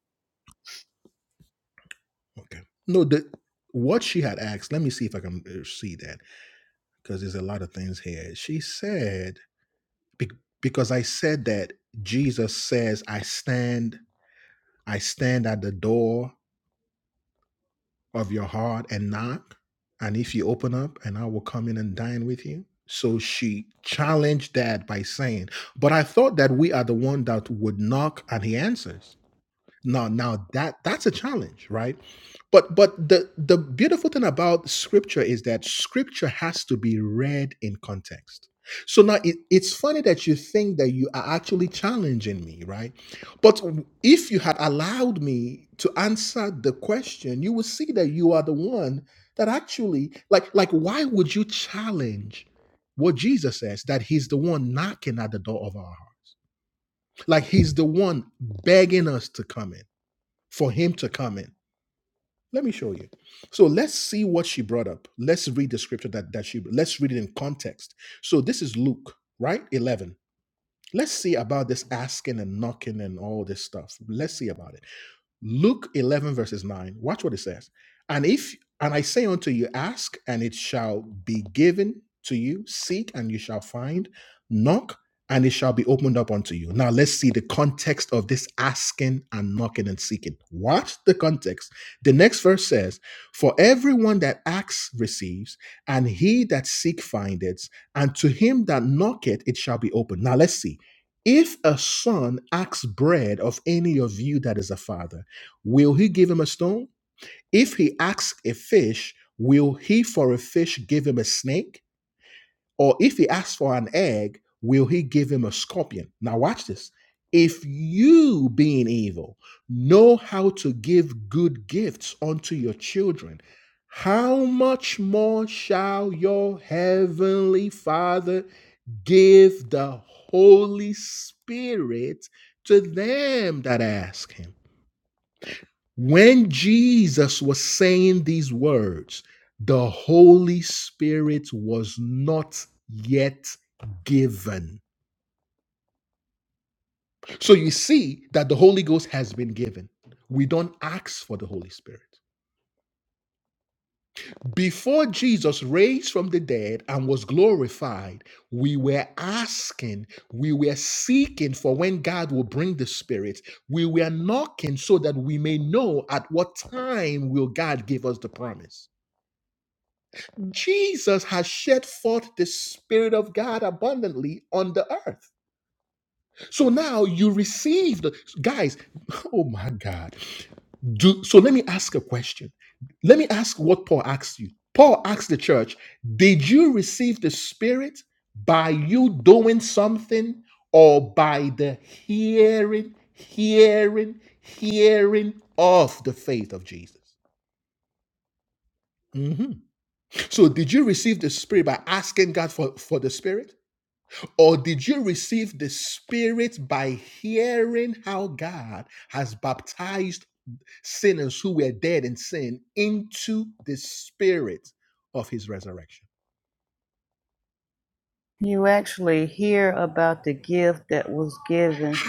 Speaker 4: You actually hear about the gift that was given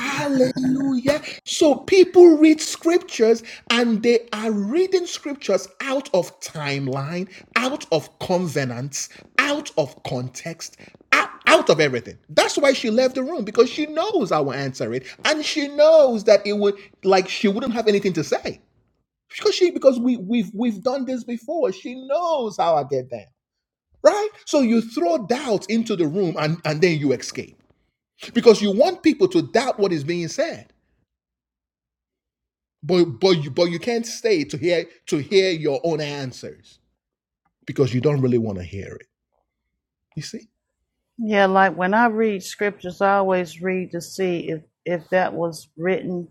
Speaker 4: Yeah, like when I read scriptures, I always read to see if, if that was written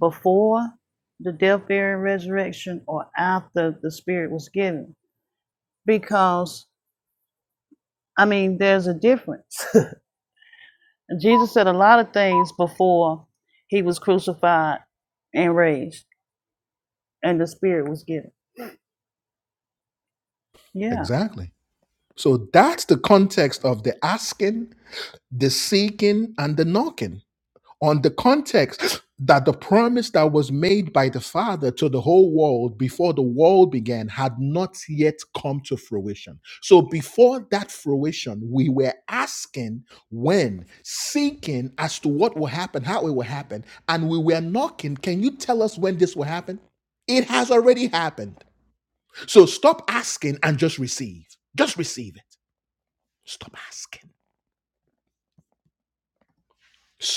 Speaker 4: before the death, burial, and resurrection or after the Spirit was given. Because, I mean, there's a difference. Jesus said a lot of things before he was crucified and raised and the Spirit was given. Yeah,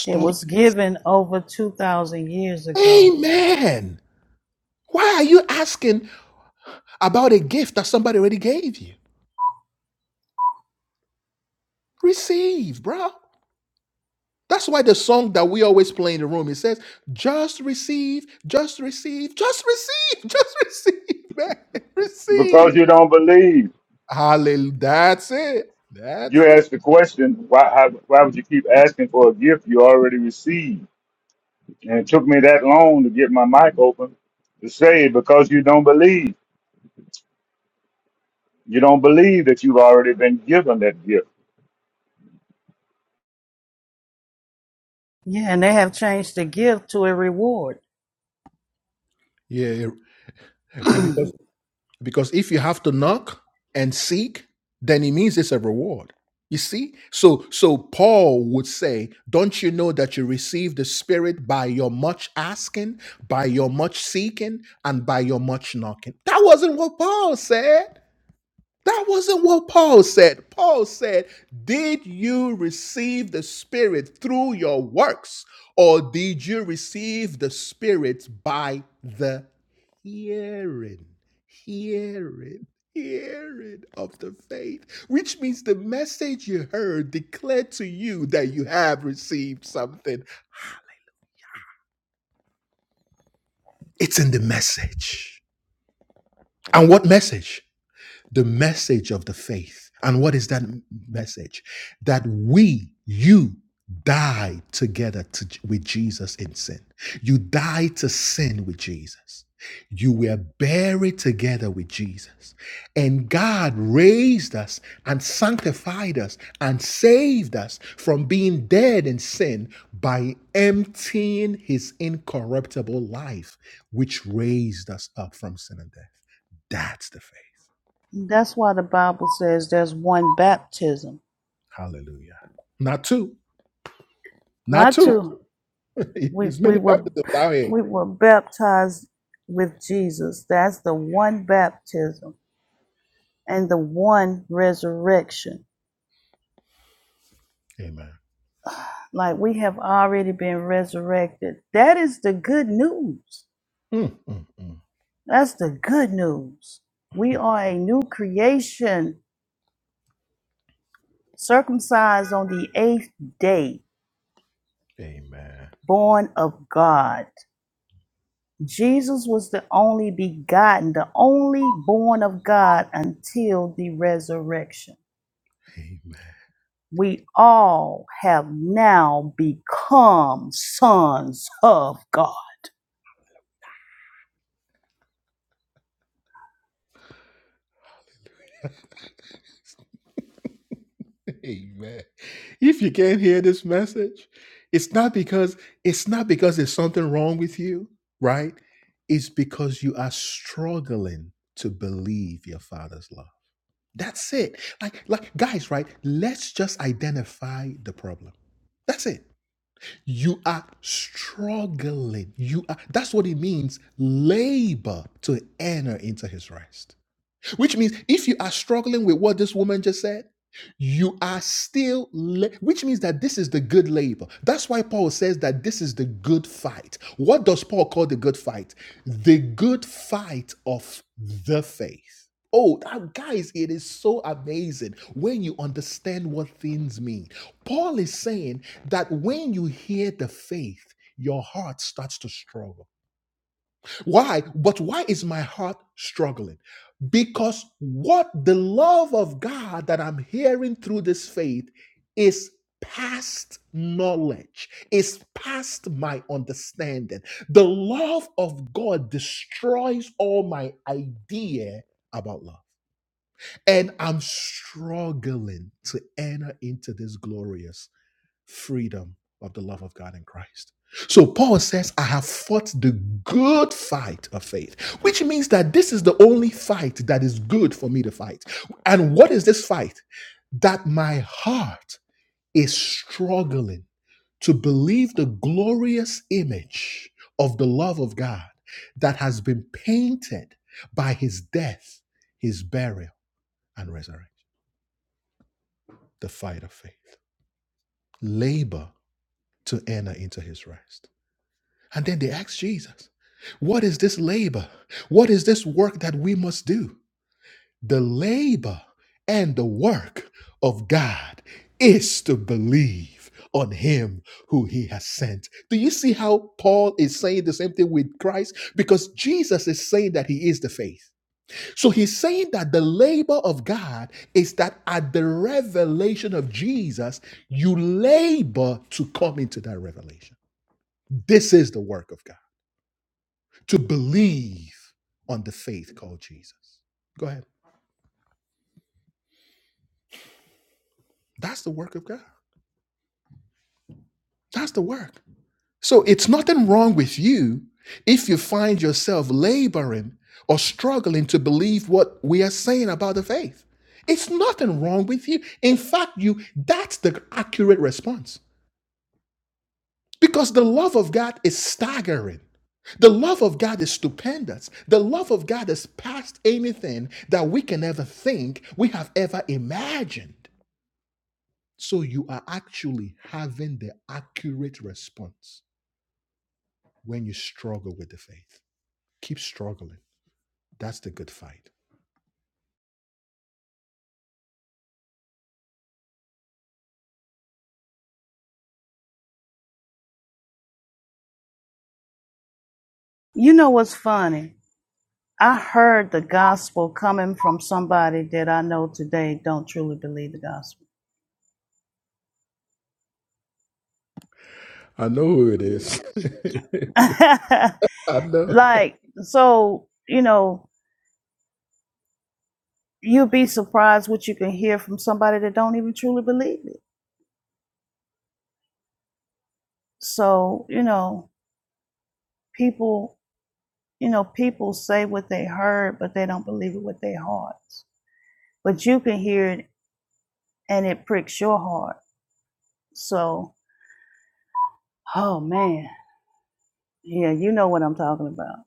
Speaker 4: it was given over 2,000 years ago.
Speaker 2: You keep asking for a gift you already received. And it took me that long to get my mic open to say because you don't believe. You don't believe that you've already been given that gift.
Speaker 4: Yeah, and they have changed the gift to a reward. That's why the Bible says there's one baptism, not two. We we were we were baptized with Jesus. That's the one baptism and the one resurrection. Like we have already been resurrected. That is the good news. That's the good news. We are a new creation, circumcised on the eighth day, born of God. Jesus was the only begotten, the only born of God until the resurrection. We all have now become sons of God. You know what's funny? I heard the gospel coming from somebody that I know today don't truly believe the gospel. like, so, you know, you'll be surprised what you can hear from somebody that don't even truly believe it. So, you know, people You know, people say what they heard, but they don't believe it with their hearts. But you can hear it and it pricks your heart. So, oh man, yeah, you know what I'm talking about.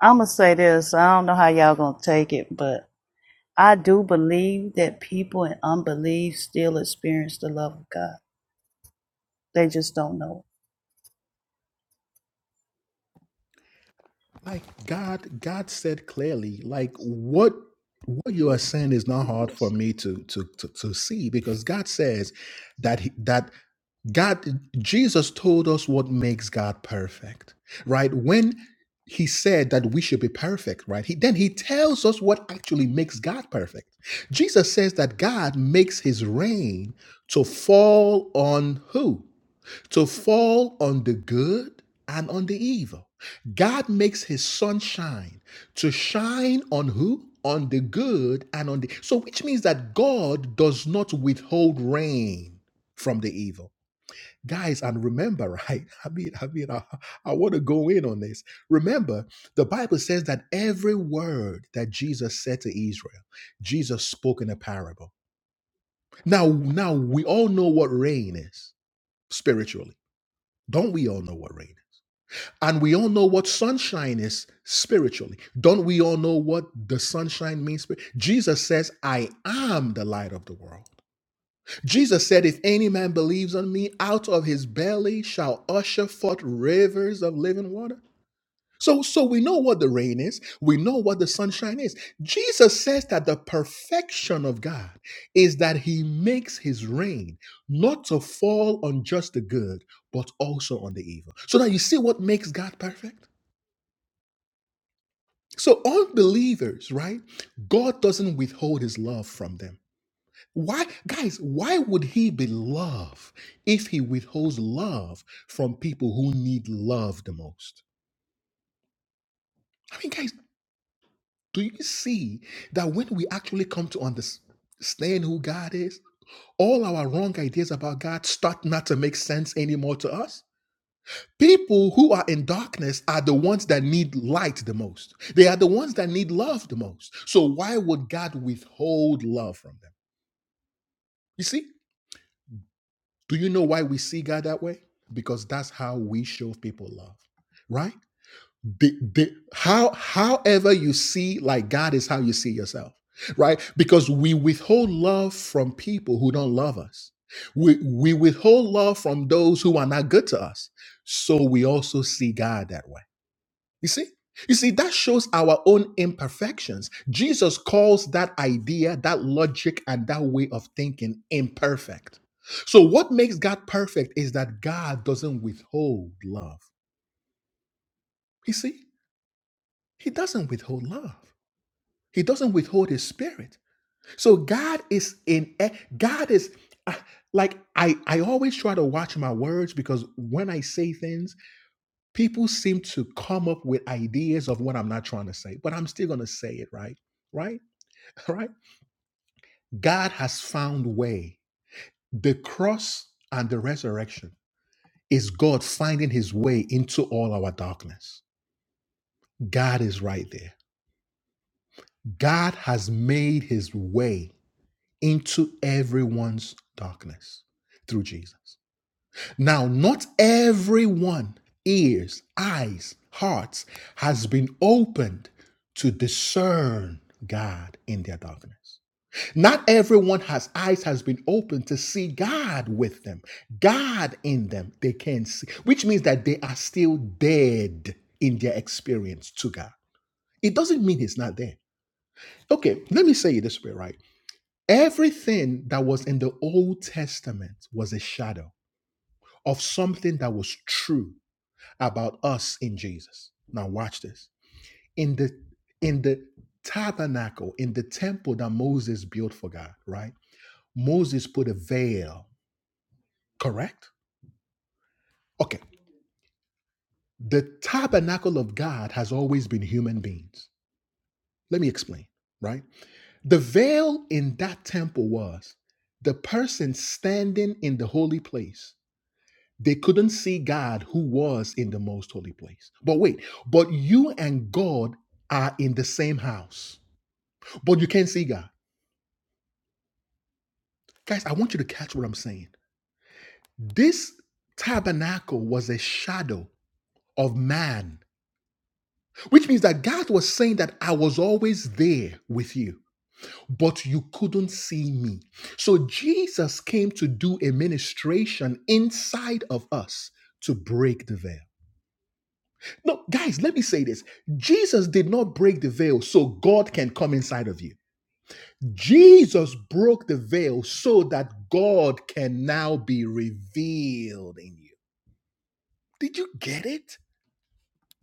Speaker 4: I'm going to say this. I don't know how y'all going to take it, but I do believe that people in unbelief still experience the love of God. They just don't know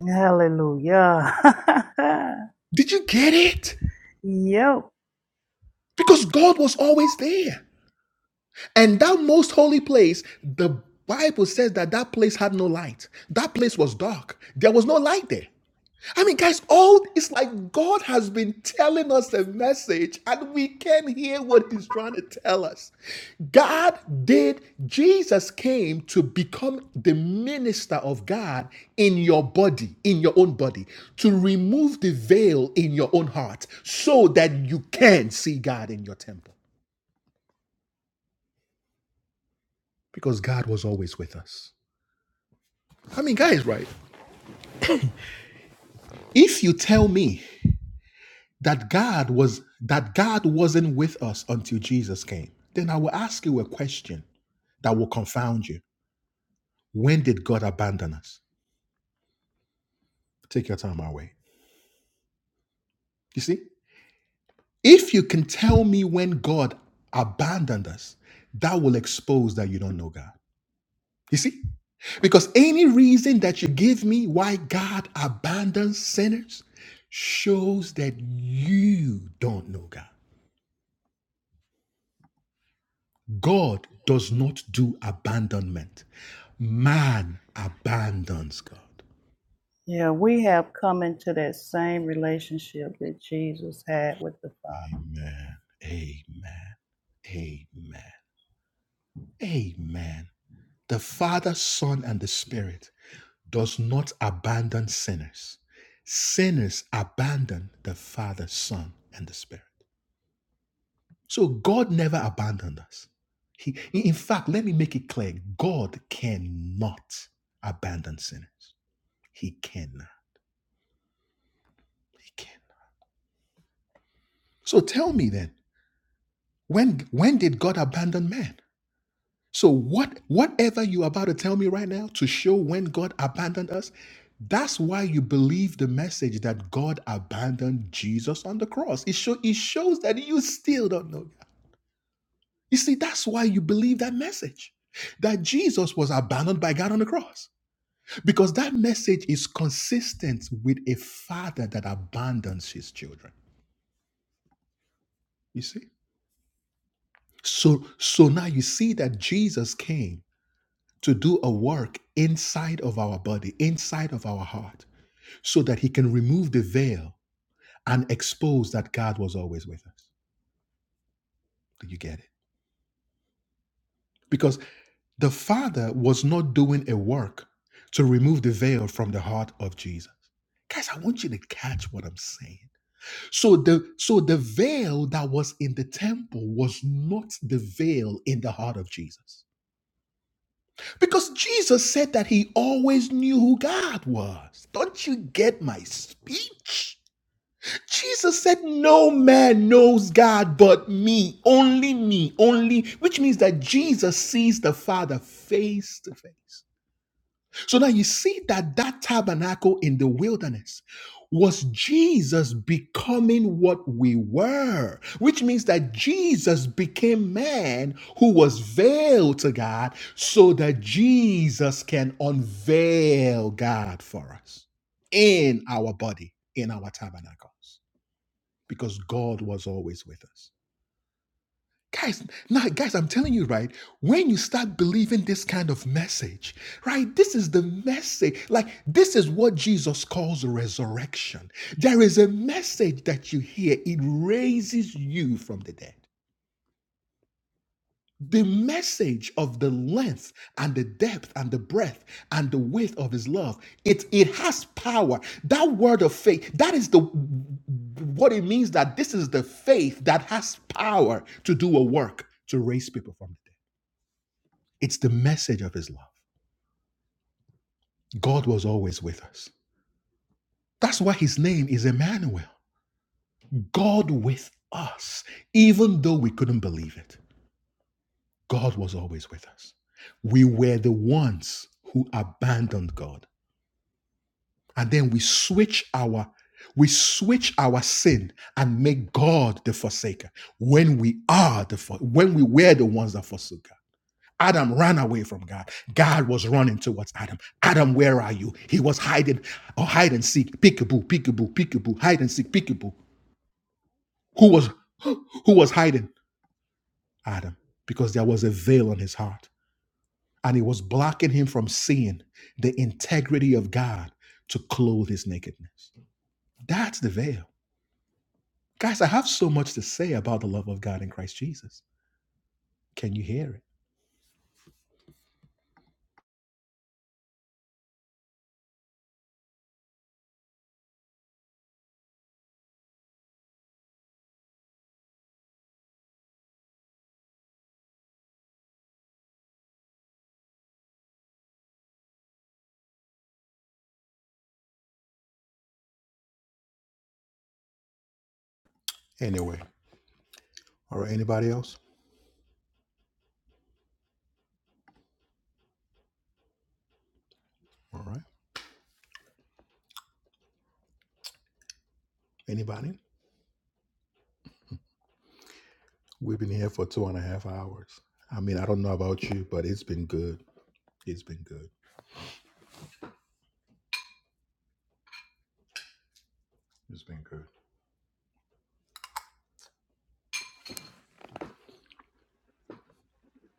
Speaker 4: it. Hallelujah. yep. Yeah, we have come into that same relationship that Jesus had with the Father.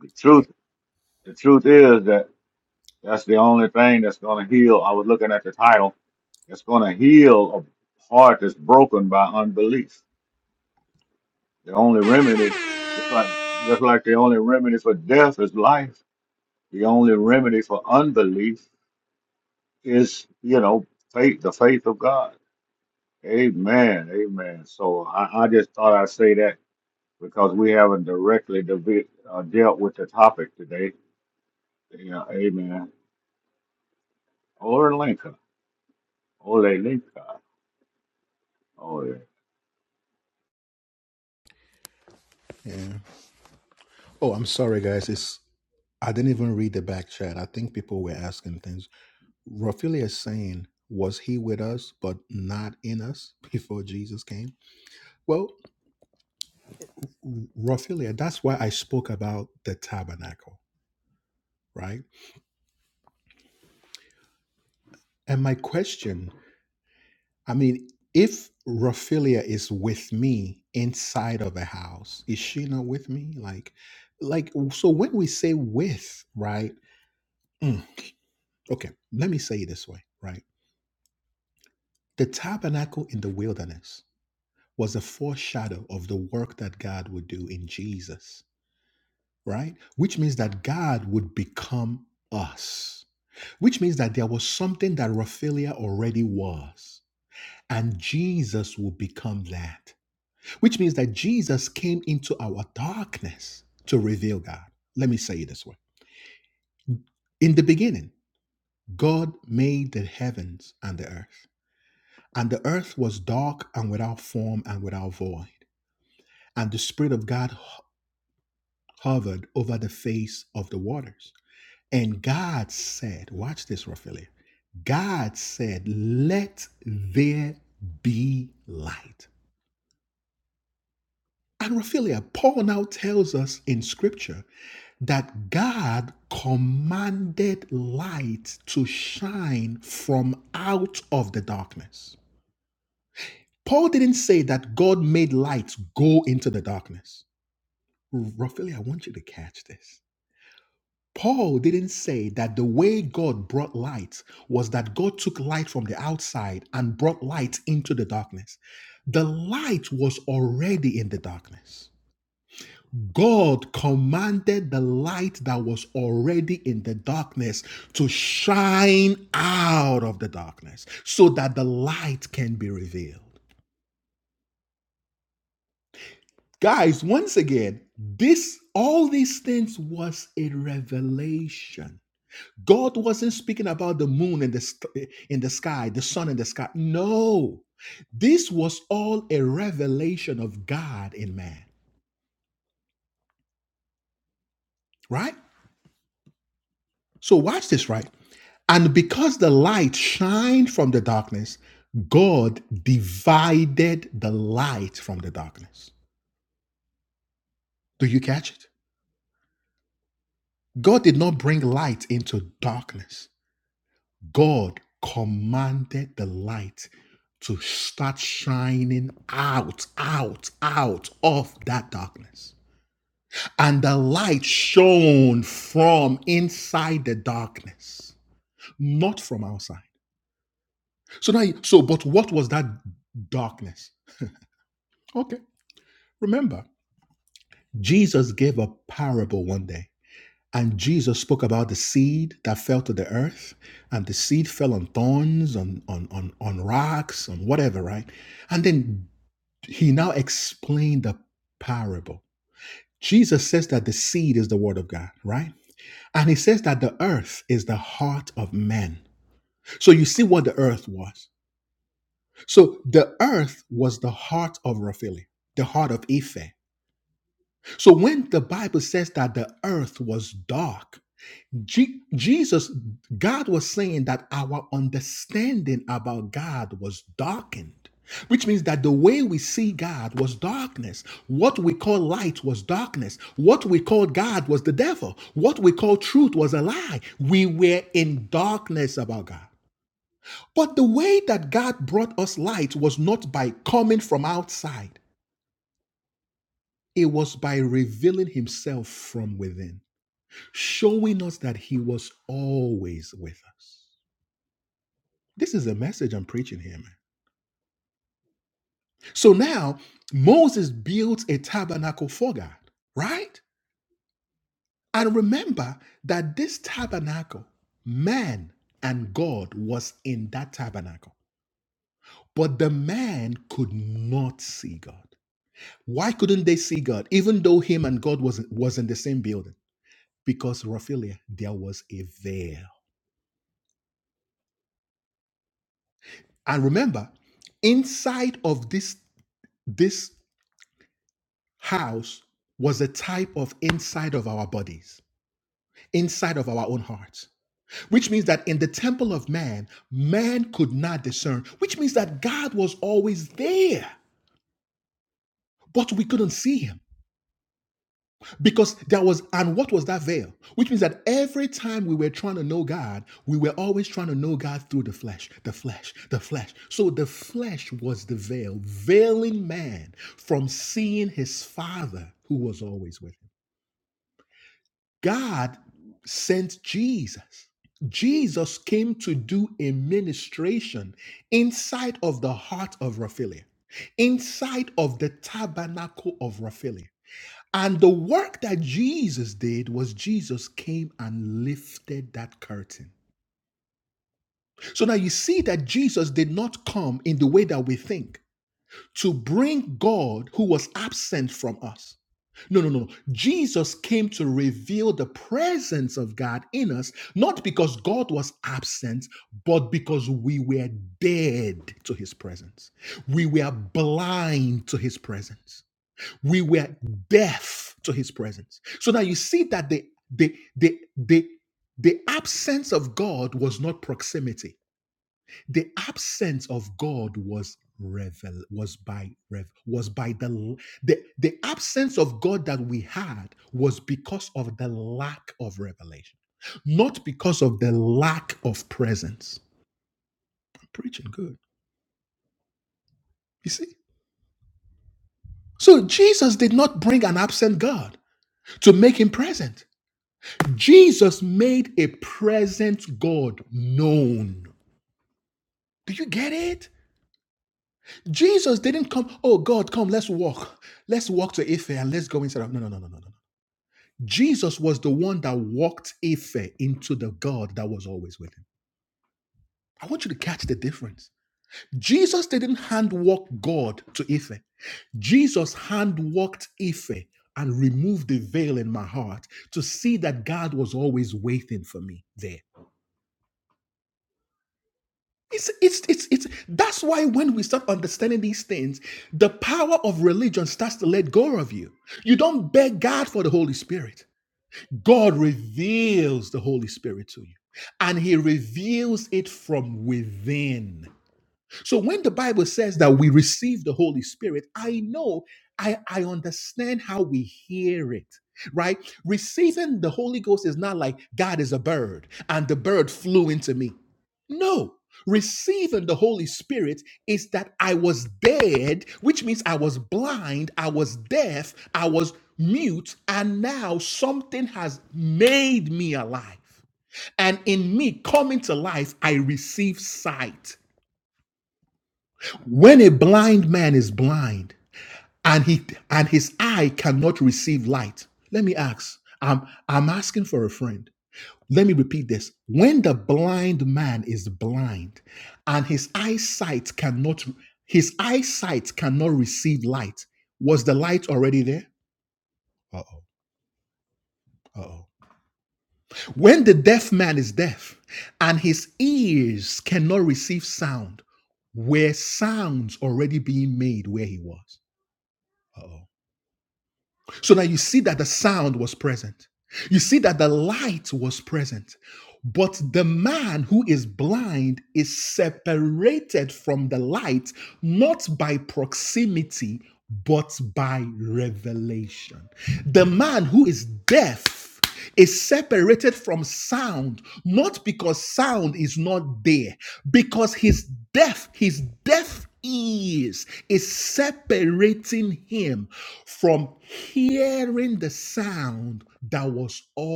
Speaker 2: The truth, the truth is that that's the only thing that's going to heal. I was looking at the title. That's going to heal a heart that's broken by unbelief. The only remedy, just like just like the only remedy for death is life. The only remedy for unbelief is, you know, faith, the faith of God. Amen. Amen. So I, I just thought I'd say that because we haven't directly devi- uh, dealt with the topic today. Yeah, amen. Or Linka. Ole Linka. Ole.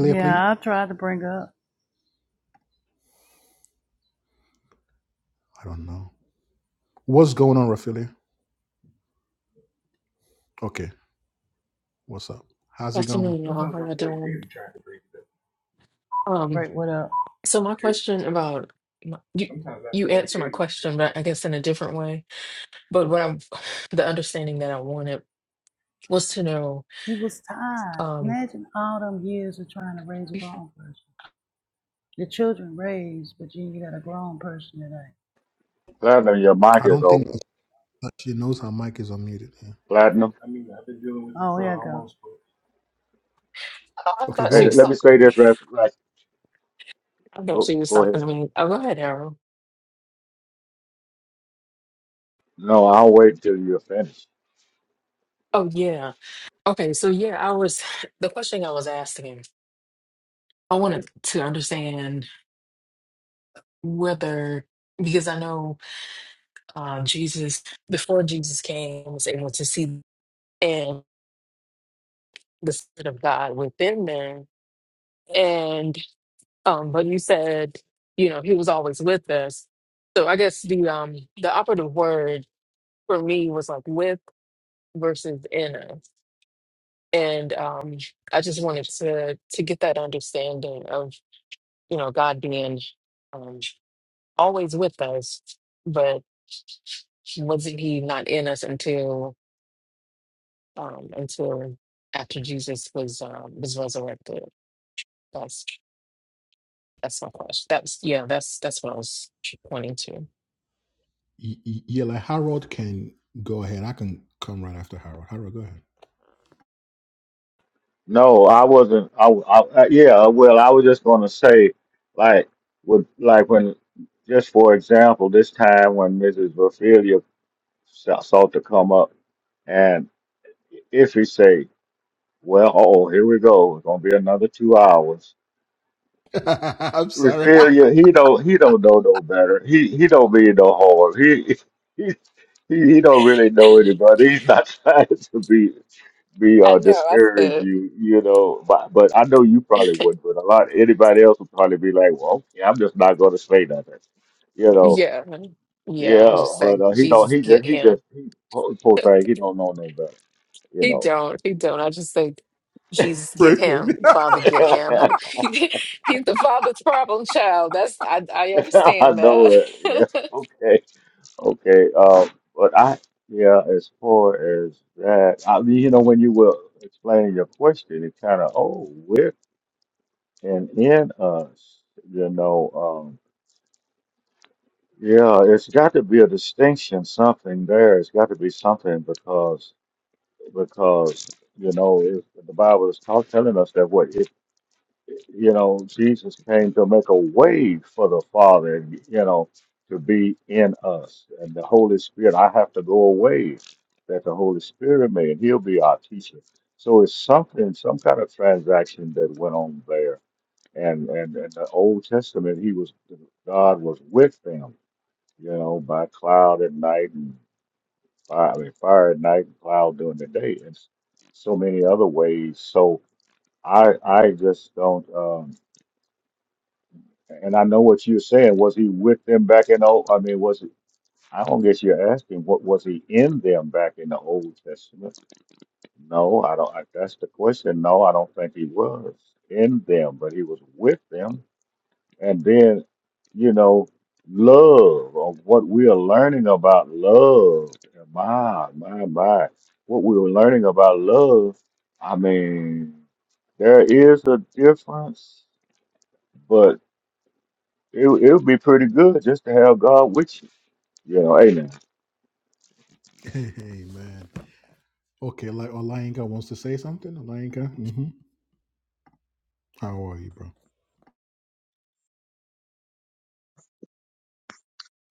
Speaker 4: Yeah, I tried to bring up,
Speaker 7: Afternoon, y'all. How y'all doing? Um,
Speaker 4: break what up.
Speaker 7: so my question about my- you you answer my question, but I guess in a different way. But what I'm the understanding that I wanted was to know.
Speaker 4: He was tired.
Speaker 7: Um,
Speaker 4: Imagine all them years of trying to raise a grown person. The children raised, but you, you got a grown person today.
Speaker 2: Platinum, your mic is open. Platinum.
Speaker 4: Oh, here I go.
Speaker 7: oh, I thought she
Speaker 2: Hey,
Speaker 7: was
Speaker 2: let me say
Speaker 7: talking to me.
Speaker 2: this right. right.
Speaker 7: I thought
Speaker 2: Go,
Speaker 7: she was
Speaker 2: go
Speaker 7: talking
Speaker 2: ahead.
Speaker 7: to me. Oh, go ahead, Arrow.
Speaker 2: No, I'll wait till you're finished.
Speaker 7: Oh yeah. Okay, so yeah, I was the question I was asking. I wanted to understand whether because I know uh, Jesus before Jesus came was able to see and the spirit of God within them and um but you said you know he was always with us so i guess the um the operative word for me was like with versus in us and um i just wanted to to get that understanding of you know god being um always with us but wasn't he not in us until um until after jesus was um was resurrected that's that's my question that's yeah that's that's what i was pointing to
Speaker 2: No, I wasn't. I, I, I- yeah, well, I was just going to say, like, with, like when, just for example, this time when Mrs. Raphael salt to come up. And if he say, "Well, oh, here we go. It's gonna be another two hours." Raphaelia, he don't he don't know no better. He he don't be no hard. He he he, he don't really know anybody. He's not trying to be be uh
Speaker 7: I know. I
Speaker 2: discourage
Speaker 7: said,
Speaker 2: you, you know. But but I know you probably wouldn't. But a lot anybody else would probably be like, "Well, okay, I'm just not gonna say nothing," you know.
Speaker 7: yeah, yeah. I
Speaker 2: Yeah,
Speaker 7: just
Speaker 2: but
Speaker 7: say,
Speaker 2: uh, he don't.
Speaker 7: Jesus,
Speaker 2: He
Speaker 7: get
Speaker 2: just he
Speaker 7: him.
Speaker 2: just he poor poor thing. He don't know no better, you
Speaker 7: He
Speaker 2: know.
Speaker 7: don't. He don't. I just say, Jesus, get him. Father, get him. I,
Speaker 2: I
Speaker 7: he's the father's problem child. That's I. I understand
Speaker 2: know it. Yeah.
Speaker 7: that.
Speaker 2: Okay. Okay. Um. But I. Yeah. As far as that, I mean, you know, when you were explaining your question, it kind of, oh, we and in us, you know. Um. Yeah. It's got to be a distinction, something there. It's got to be something because because you know if the Bible is tell- telling us that what. you know, Jesus came to make a way for the Father, and you know, to be in us. And the Holy Spirit, I have to go away that the Holy Spirit may, and He'll be our teacher. So it's something, some kind of transaction that went on there. And and and the Old Testament, He was God was with them, you know, by cloud at night and fire, I mean, fire at night and cloud during the day, and so many other ways. So I I just don't. um, And I know what you're saying. Was he with them back in the? Old, I mean, was he? I don't guess you're asking. What was he in them back in the Old Testament? No, I don't. I, that's the question. No, I don't think he was in them, but he was with them. And then, you know, love of what we are learning about love. My, my, my. What we were learning about love. I mean, there is a difference, but It would- it would be pretty good just to have God with you. You know, amen.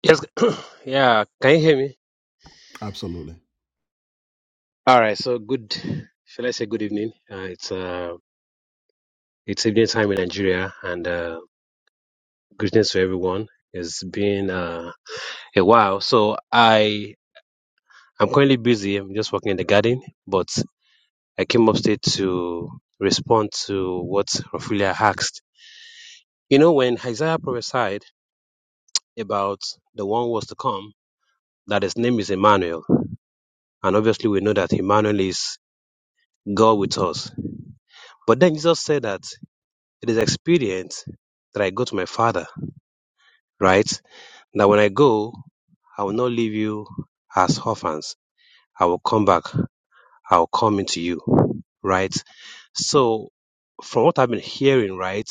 Speaker 8: Yes, yeah. Can you hear me? All right. So good. Shall I say good evening? Uh, it's uh, it's evening time in Nigeria, and uh, greetings to everyone. It's been uh, a while. So I I'm currently busy. I'm just working in the garden, but I came upstate to respond to what Raphaelia asked. You know, when Isaiah prophesied about the one who was to come, that his name is Emmanuel, and obviously we know that Emmanuel is God with us. But then Jesus said that. It is expedient that I go to my Father, right? That when I go, I will not leave you as orphans. I will come back. I will come into you, right? So, from what I've been hearing, right,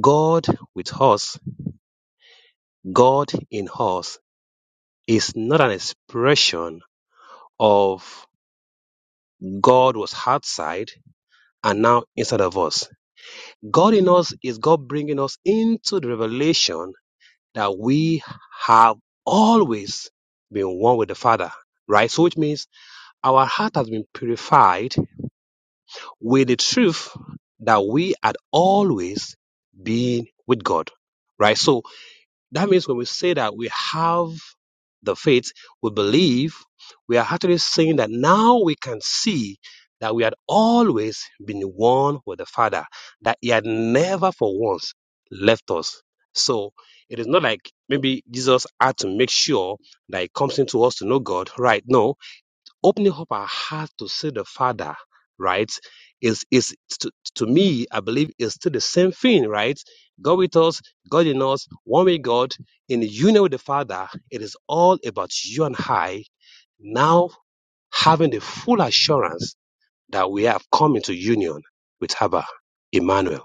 Speaker 8: God with us, God in us, is not an expression of God was outside and now inside of us. God in us is God bringing us into the revelation that we have always been one with the Father, right? So, which means our heart has been purified with the truth that we had always been with God, right? So, that means when we say that we have the faith, we believe, we are actually saying that now we can see that we had always been one with the Father, that He had never for once left us. So it is not like maybe Jesus had to make sure that He comes into us to know God, right? No, opening up our heart to see the Father, right? Is is to, to me, I believe is still the same thing, right? God with us, God in us, one way God, in union with the Father, it is all about you and I now having the full assurance that we have come into union with Abba, Emmanuel.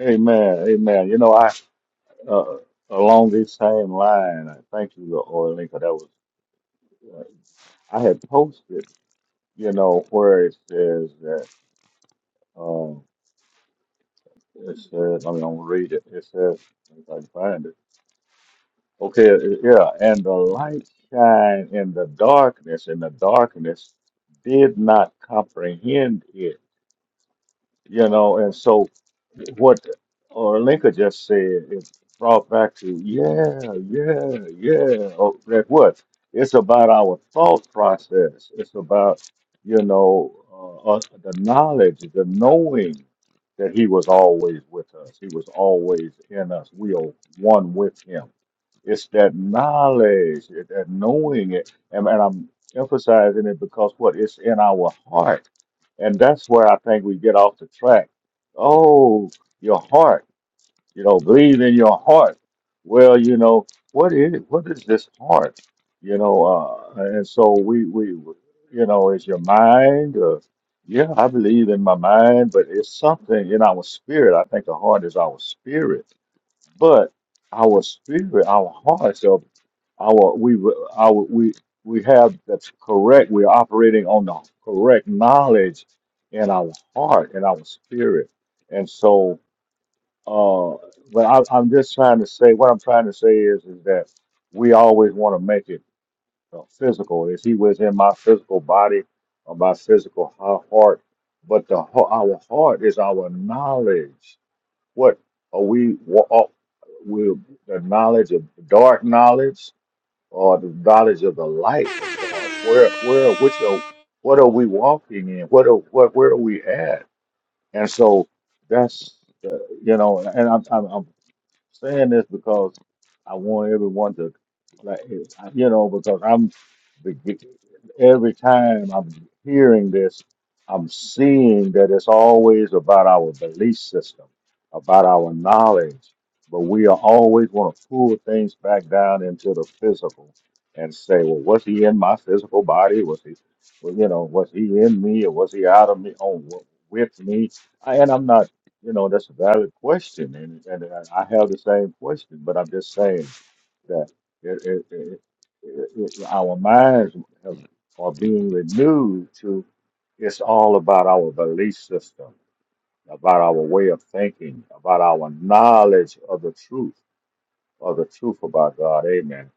Speaker 2: Amen. Amen. You know, I uh, along this same line, I thank you, Lord Lincoln. That was uh, I had posted, you know, where it says that um it says I mean I'm gonna read it. It says if I can find it. Okay, it- yeah, and the light shine in the darkness, and the darkness did not comprehend it. you know, and so what Orlinka just said is brought back to, yeah, yeah, yeah. Oh, that what? It's about our thought process. It's about, you know, uh, uh, the knowledge, the knowing that He was always with us. He was always in us. We are one with Him it's that knowledge, it's that knowing it. And, and I'm emphasizing it because what? It's in our heart. And that's where I think we get off the track. Oh, your heart, you know, believe in your heart. Well, you know, what is what is this heart? You know, uh, and so we we you know, is your mind uh, yeah, I believe in my mind, but it's something in our spirit. I think the heart is our spirit but our spirit, our hearts, are our we our we we have that's correct. We're operating on the correct knowledge in our heart and our spirit. And so, uh, but I, I'm just trying to say what I'm trying to say is is that we always want to make it uh, physical. Is he was in my physical body or my physical ha- heart? But the ho- our heart is our knowledge what are we wa- are- will the knowledge of dark knowledge or the knowledge of the light of God? Where where which are what are we walking in? What are what where are we at? And so that's uh, you know, and I'm, I'm saying this because I want everyone to, like, you know, because I'm every time I'm hearing this, I'm seeing that it's always about our belief system, about our knowledge, but we are always want to pull things back down into the physical and say, well, was he in my physical body? Was he, well, you know, was he in me or was he out of me? Oh, with me? And I'm not. You know, that's a valid question, and, and I I have the same question, but I'm just saying that it, it, it, it, it- our minds have, are being renewed to it's all about our belief system, about our way of thinking, about our knowledge of the truth, of the truth about God. Amen.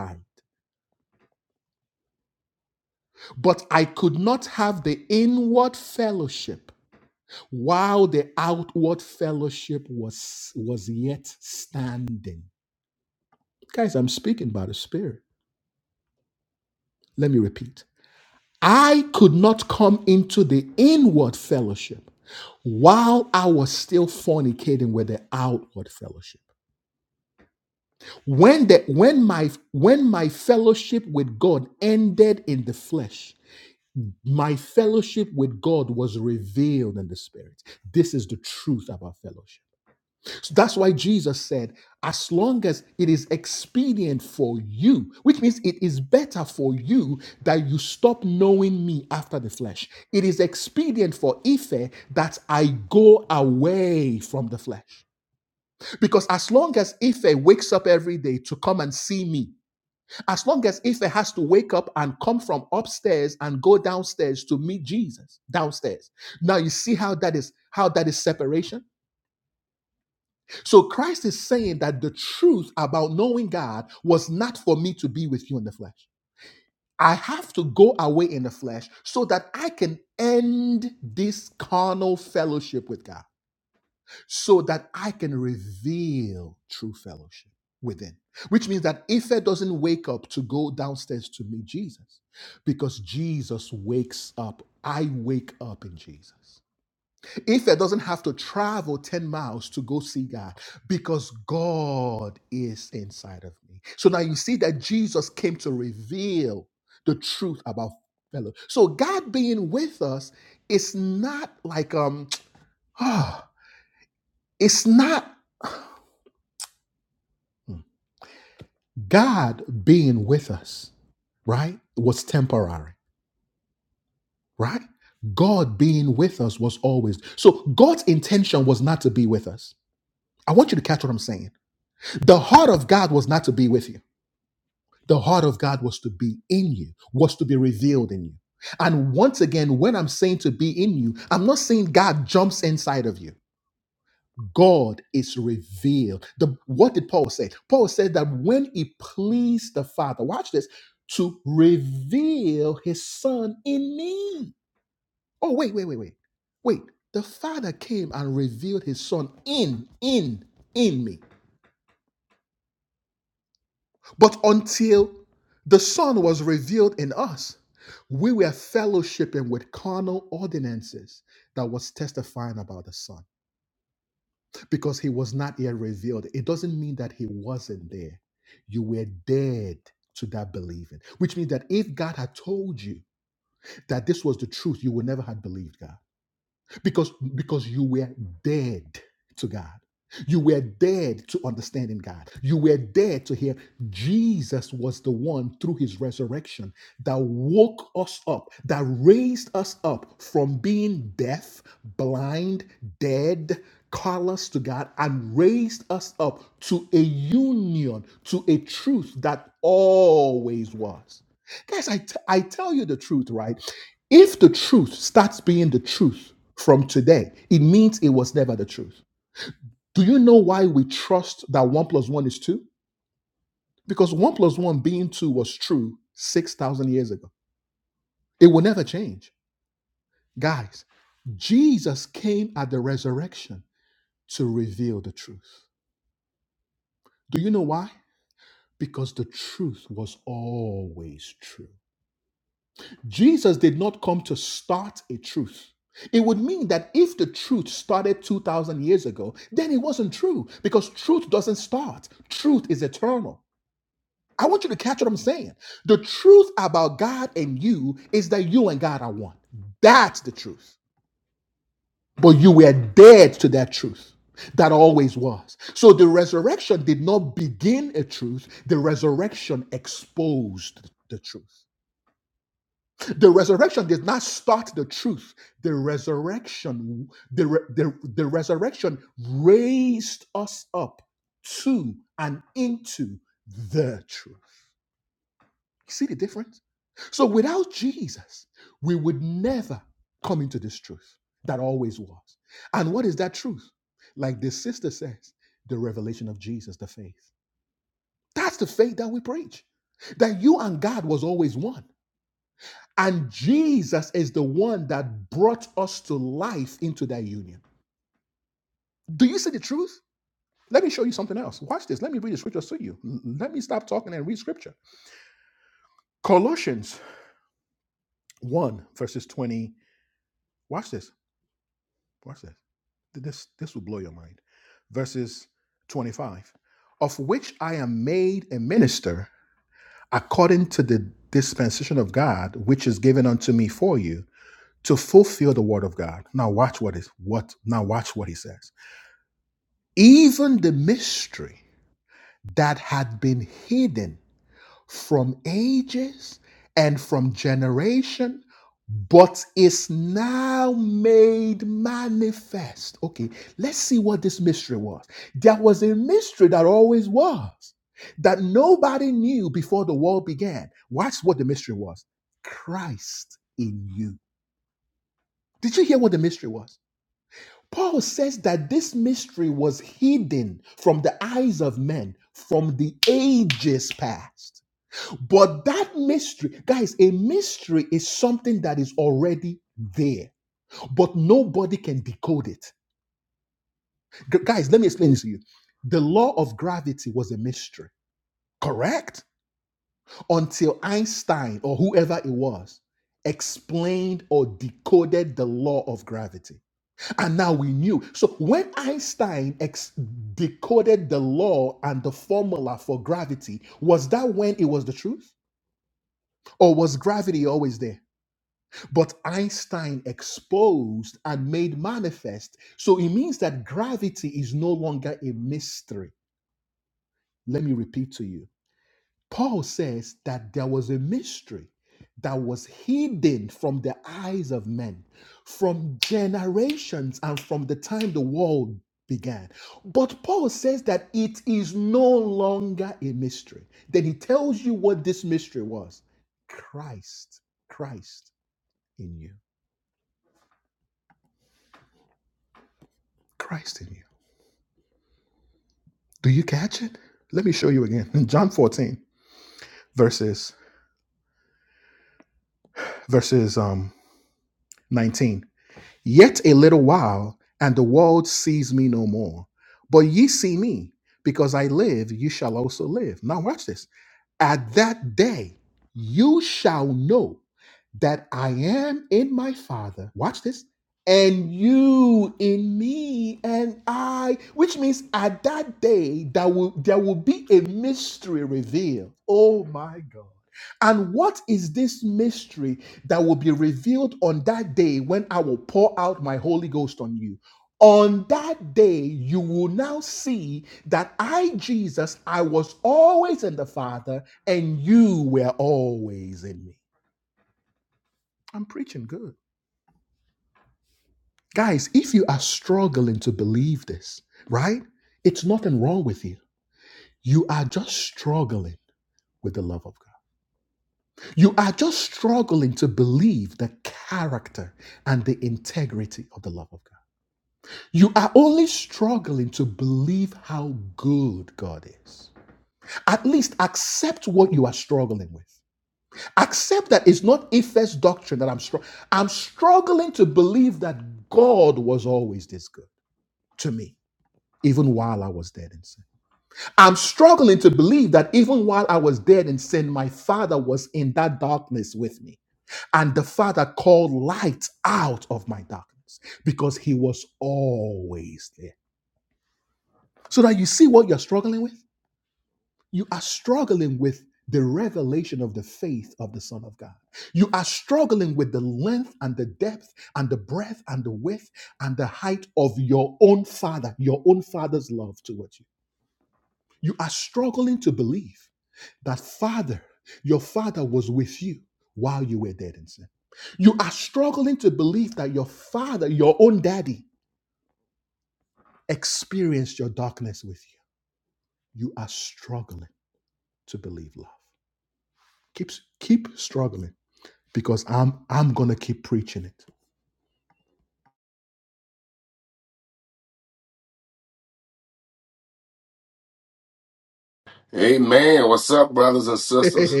Speaker 9: Amen. What's up, brothers and sisters?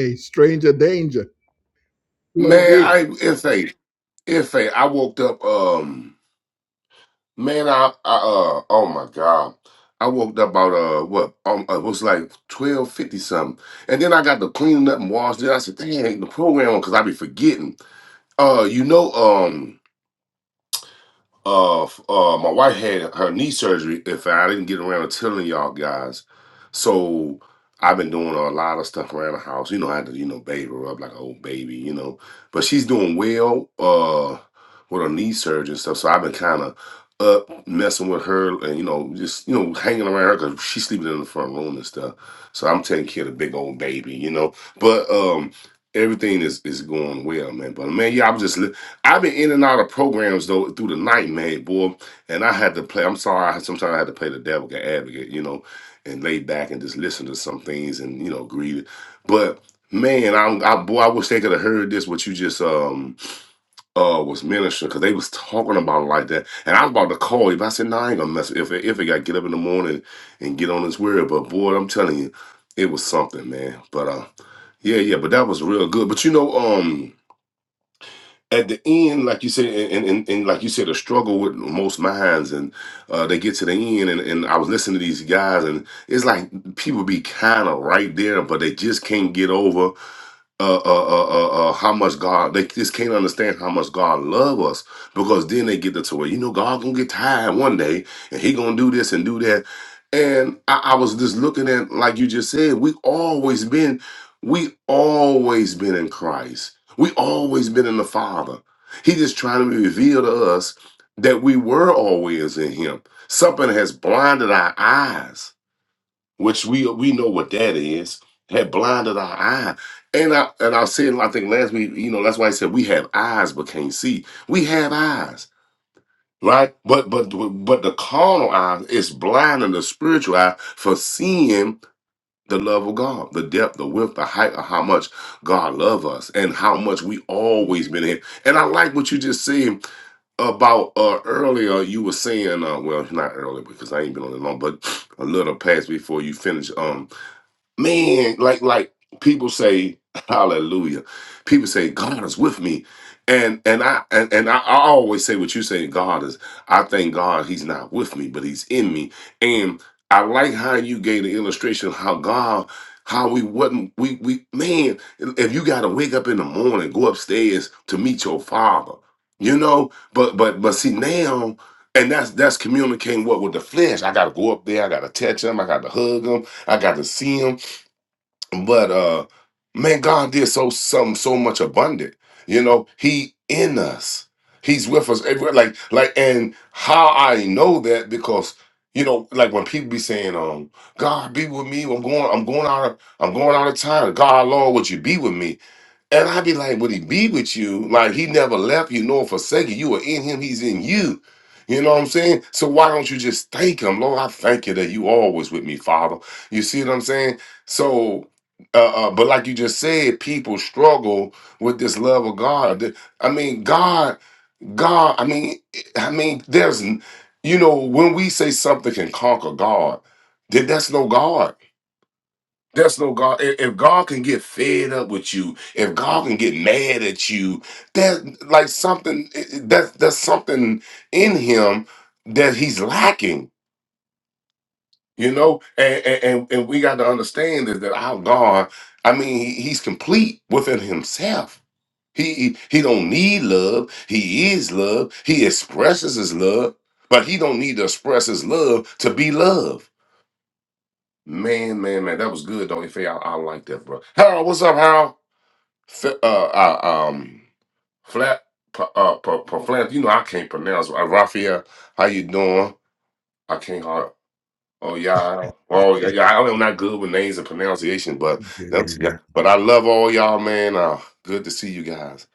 Speaker 9: Man, I if a if a I woke up um man I, I uh oh my god. I woke up about uh what um uh, it was like twelve fifty something. And then I got to cleaning up and washing it. I said, dang ain't the program on because I be forgetting. Uh you know um uh, f- uh, my wife had her knee surgery. If I didn't get around to telling y'all guys, so I've been doing a lot of stuff around the house. You know, I had to, you know, baby her up like an old baby, you know. But she's doing well, uh, with her knee surgery and stuff. So I've been kind of up messing with her and you know, just you know, hanging around her because she's sleeping in the front room and stuff. So I'm taking care of the big old baby, you know. But um, everything is is going well, man. But man, yeah, I'm just. li- I've been in and out of programs though through the night, man, boy. And I had to play. I'm sorry. I, sometimes I had to play the devil advocate, you know, and lay back and just listen to some things and you know agree. But man, I'm I, boy. I wish they could have heard this what you just um uh was ministering because they was talking about it like that. And I was about to call you, but I said, no, I ain't gonna mess if if it got get up in the morning and get on this word. But boy, I'm telling you, it was something, man. But uh, yeah, yeah. But that was real good. But you know, um at the end, like you said, and, and, and and like you said, a struggle with most minds, and uh, they get to the end, and, and I was listening to these guys, and it's like people be kind of right there, but they just can't get over uh, uh, uh, uh, uh, how much God they just can't understand how much God love us because then they get to the way you know God gonna get tired one day and He gonna do this and do that. And I, I was just looking at like you just said, we always been, we always been in Christ. We always been in the Father. He just trying to reveal to us that we were always in Him. Something has blinded our eyes which we we know what that is, had blinded our eye. And I and I was saying, I think last week, you know, that's why I said we have eyes but can't see. We have eyes, right? But but but the carnal eye is blinding the spiritual eye for seeing the love of God, the depth, the width, the height of how much God loves us and how much we always been in. And I like what you just said about uh earlier you were saying uh well not earlier because I ain't been on it long but a little past before you finish. Um man, like like people say, hallelujah. People say God is with me. And and I and, and I, I always say what you say, God is I thank God he's not with me, but he's in me. And I like how you gave the illustration of how God how we wasn't we we man, if you gotta wake up in the morning, go upstairs to meet your father. You know, but but but see now and that's that's communicating what with the flesh. I gotta go up there, I gotta touch him, I gotta hug him, I got to see him but uh man god did so some so much abundant you know he in us he's with us everywhere like like and how i know that because you know like when people be saying um god be with me i'm going i'm going out of i'm going out of town god lord would you be with me and I'd be like, would he be with you? Like he never left you nor forsaken. You You are in him, he's in you. You know what I'm saying? So why don't you just thank him? Lord, I thank you that you always with me, Father. You see what I'm saying? So uh, uh, but like you just said, people struggle with this love of God. The- I mean, God, God, I mean, I mean, there's you know, when we say something can conquer God, then that's no God. That's no God. If if God can get fed up with you, if God can get mad at you, that like something that that's something in him that he's lacking, you know. And and and and we got to understand is that our God, I mean, he, he's complete within himself. He he he don't need love. He is love. He expresses his love, but he don't need to express his love to be love. Man, man, man, that was good, don't you? I, I like that, bro. Harold, what's up, Harold? Fe- uh, uh, um, flat, pa, uh, pa, pa, flat, you know, I can't pronounce. Uh, Raphael, how you doing? I can't hard. Oh yeah, I- oh yeah, yeah. I'm not good with names and pronunciation, but that's yeah. But I love all y'all, man. Uh, good to see you guys.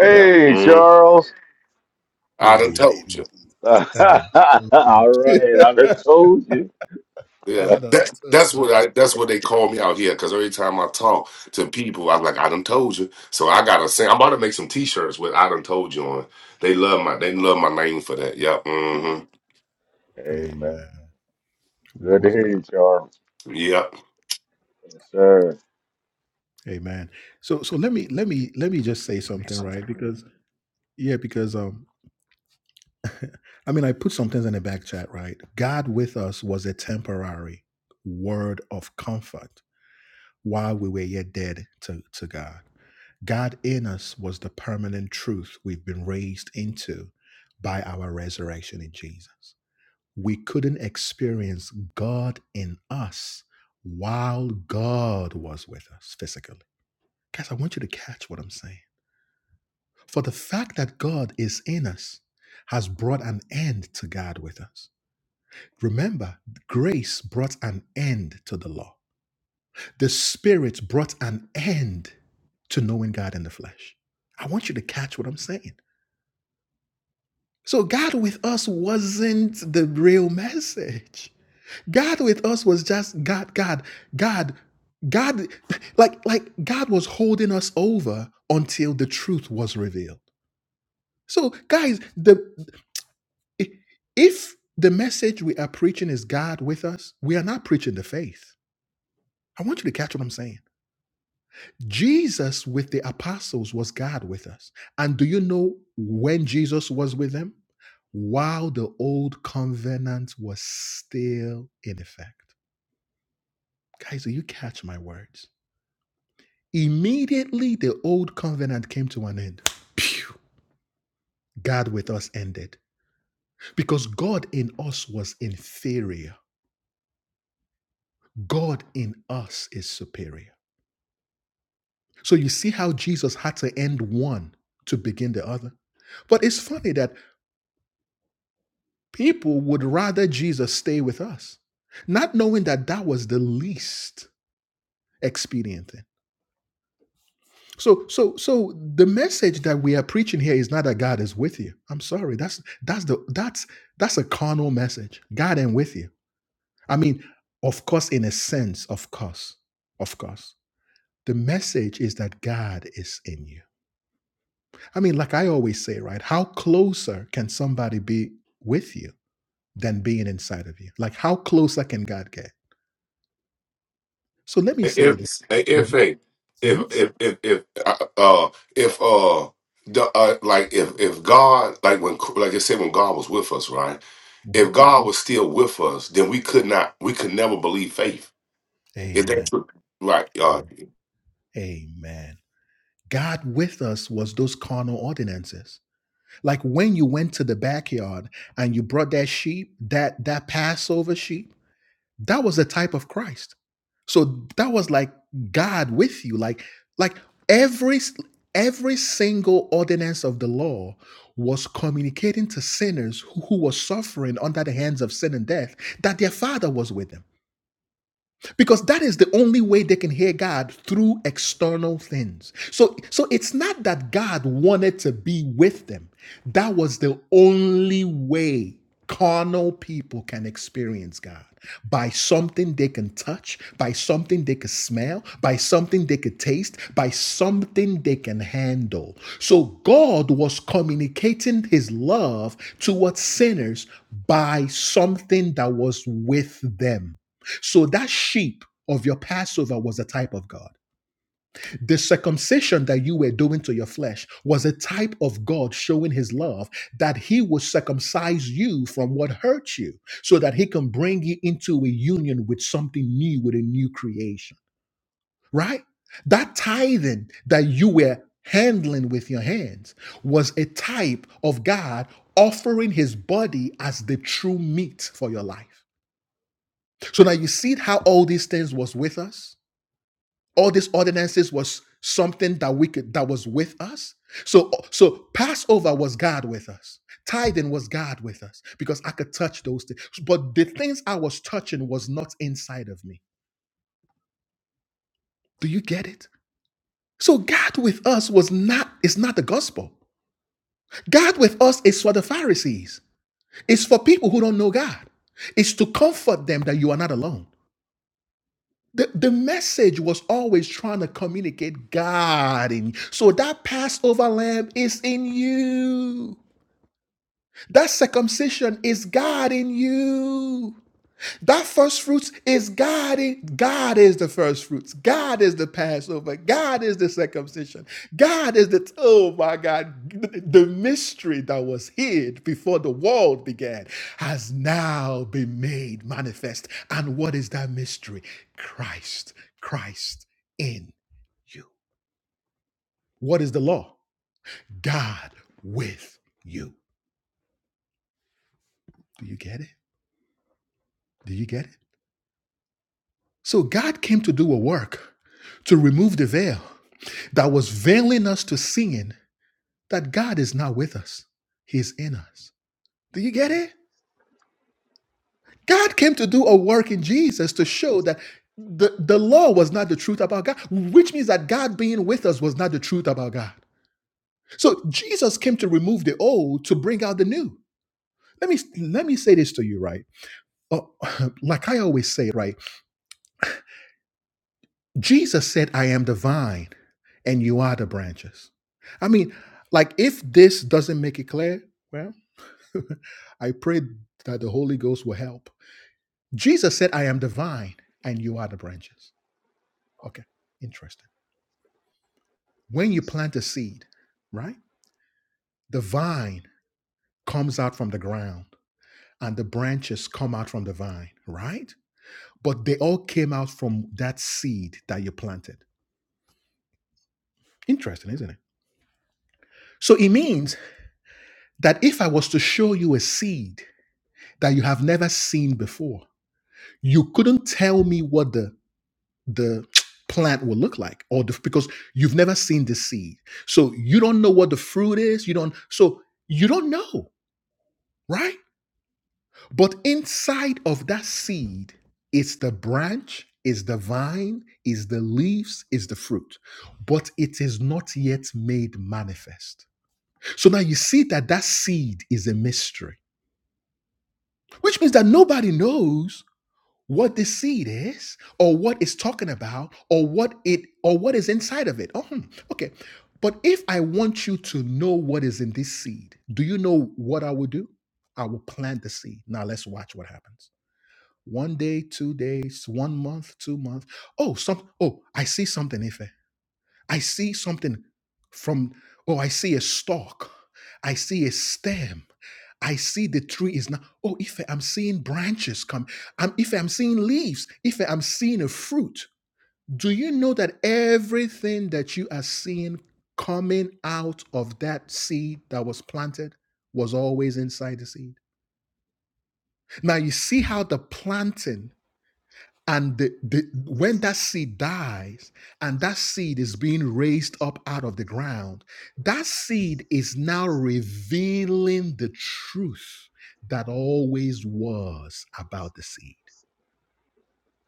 Speaker 9: Yeah. Mm,
Speaker 2: Charles.
Speaker 9: I done told you.
Speaker 2: all right, I done told you.
Speaker 9: Yeah, that that's what I that's what they call me out here. Because every time I talk to people, I'm like, I done told you. So I gotta say, I'm about to make some T-shirts with I done told you on. They love my they love my name for that. Yeah. hmm
Speaker 2: Amen. Good to hear you, Charles.
Speaker 9: Yep.
Speaker 2: Yes, sir.
Speaker 9: If if if if if if if uh, uh, if uh, the, uh like if if God like when like I said when God was with us right if God was still with us then we could not we could never believe faith is that true right uh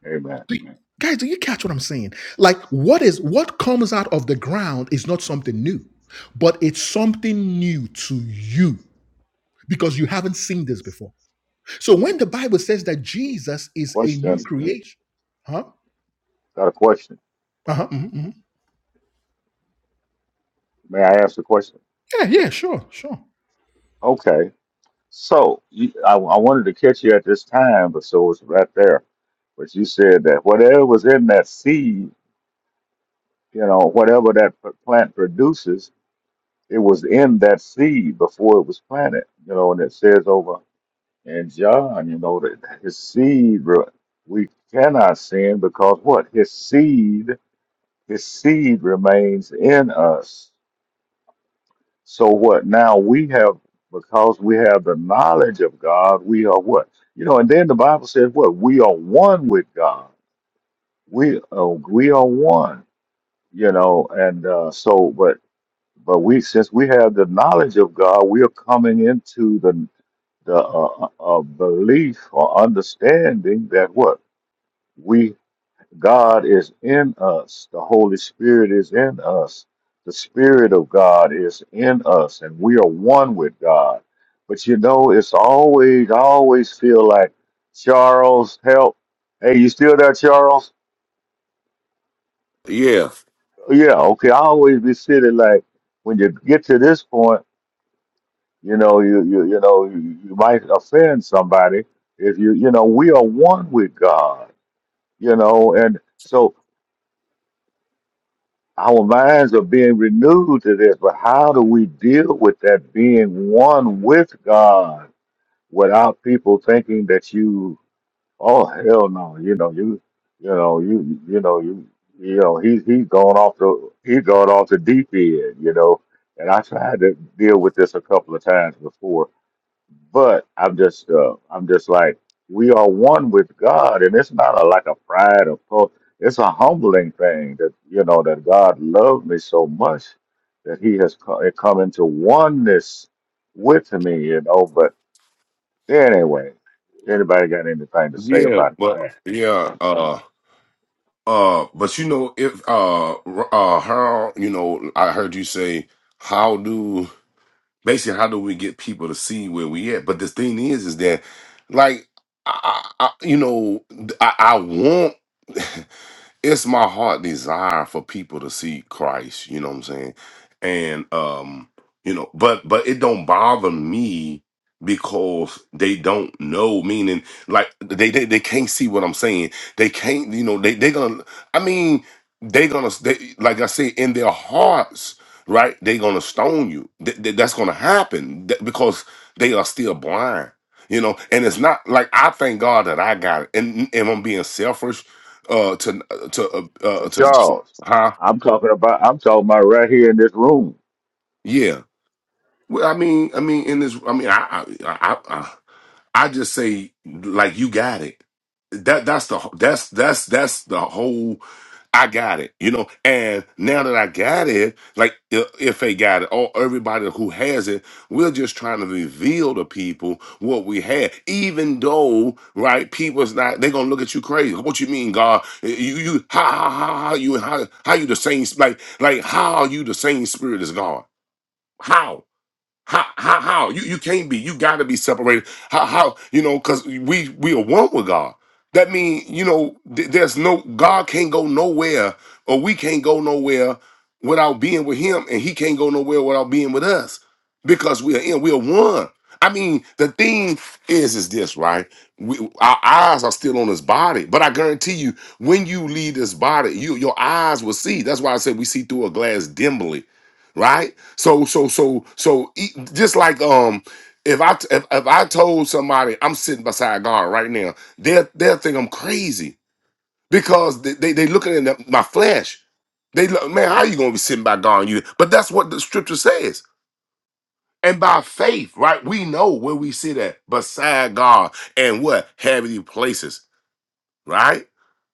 Speaker 2: Amen. Question. Got a question. May I ask a question? Okay. So you, I, I wanted to catch you at this time, but so it's right there. But you said that whatever was in that seed, you know, whatever that p- plant produces, it was in that seed before it was planted, you know, and it says over in John, you know, that his seed, re- we cannot sin because what? His seed, his seed remains in us. So what? Now we have, because we have the knowledge of God, we are what? You know, and then the Bible says what? We are one with God. We uh, we are one. You know, and uh, so, but but we since we have the knowledge of God, we are coming into the the uh, uh, uh, belief or understanding that what we God is in us. The Holy Spirit is in us. The Spirit of God is in us, and we are one with God. But you know, it's always, I always feel like, Charles, help. Hey, you still there, Charles?
Speaker 9: yeah
Speaker 2: Yeah, okay. I always be sitting like, when you get to this point, you know, you, you, you know, you, you might offend somebody if you, you know, we are one with God, you know, and so Our minds are being renewed to this, but how do we deal with that being one with God without people thinking that you, oh hell no, you know you, you know you, you know you, you know he's he's going off the he's going off the deep end, you know. And I tried to deal with this a couple of times before but I'm just, uh, I'm just like, we are one with God, and it's not a, like a pride or po- it's a humbling thing that you know that God loved me so much that He has co- come into oneness with me, you know. But anyway, anybody got anything to say
Speaker 9: yeah
Speaker 2: about
Speaker 9: but
Speaker 2: that?
Speaker 9: yeah uh uh but you know if uh r- uh how you know I heard you say how do basically how do we get people to see where we at but the thing is is that like i, I I- you know i, I want it's my heart desire for people to see Christ, you know what I'm saying? And um, you know, but but it don't bother me because they don't know, meaning like they they, they can't see what I'm saying. They can't, you know, they they gonna I mean, they gonna they, like I say in their hearts, right? They gonna stone you. Th- th- that's gonna happen th- because they are still blind. You know, and it's not like I thank God that I got it. And, and I'm being selfish uh to uh, to uh, uh
Speaker 2: But
Speaker 9: to to-
Speaker 2: Charles,
Speaker 9: huh
Speaker 2: I'm talking about, I'm talking about right here in this room.
Speaker 9: yeah well i mean i mean in this i mean i i i, I I just say like you got it that that's the that's that's that's the whole I got it, you know. And now that I got it, like i- if they got it, or everybody who has it, we're just trying to reveal to people what we had. Even though, right, people's not they're gonna look at you crazy. What you mean, God? You you how how how, how you how how you the same like like how are you the same spirit as God? How? How how how you you can't be you got to be separated. How how you know because we we are one with God. That mean you know th- there's no God can't go nowhere or we can't go nowhere without being with Him, and He can't go nowhere without being with us because we are in we are one. I mean the thing is is this right? We, our eyes are still on this body, but I guarantee you, when you leave this body, you your eyes will see. That's why I said we see through a glass dimly right? So so so so e- just like um if I t- if, if I told somebody I'm sitting beside God right now, they'll they'll think I'm crazy because they they, they looking in the, my flesh. They look, man, how you gonna be sitting by God? And You but that's what the scripture says. And by faith, right, we know where we sit at beside God and what heavenly places right?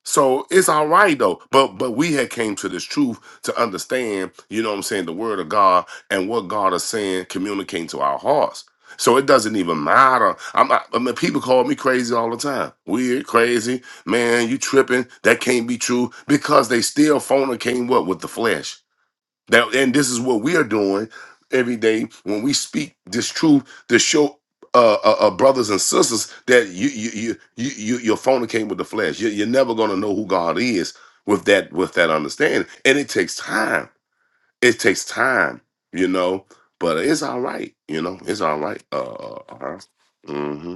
Speaker 9: So it's all right though. But but we had came to this truth to understand, you know what I'm saying, the word of God and what God is saying communicating to our hearts. So it doesn't even matter. I'm not, I mean, people call me crazy all the time. Weird, crazy, man, you tripping. That can't be true because they still fornicating what with the flesh. That and this is what we are doing every day when we speak this truth to show uh, uh, uh, brothers and sisters that you you you you you you're fornicating with the flesh. You, you're never gonna know who God is with that with that understanding, and it takes time. It takes time, you know. But it's all right, you know. It's all right. Uh, uh, uh-huh. Mm-hmm.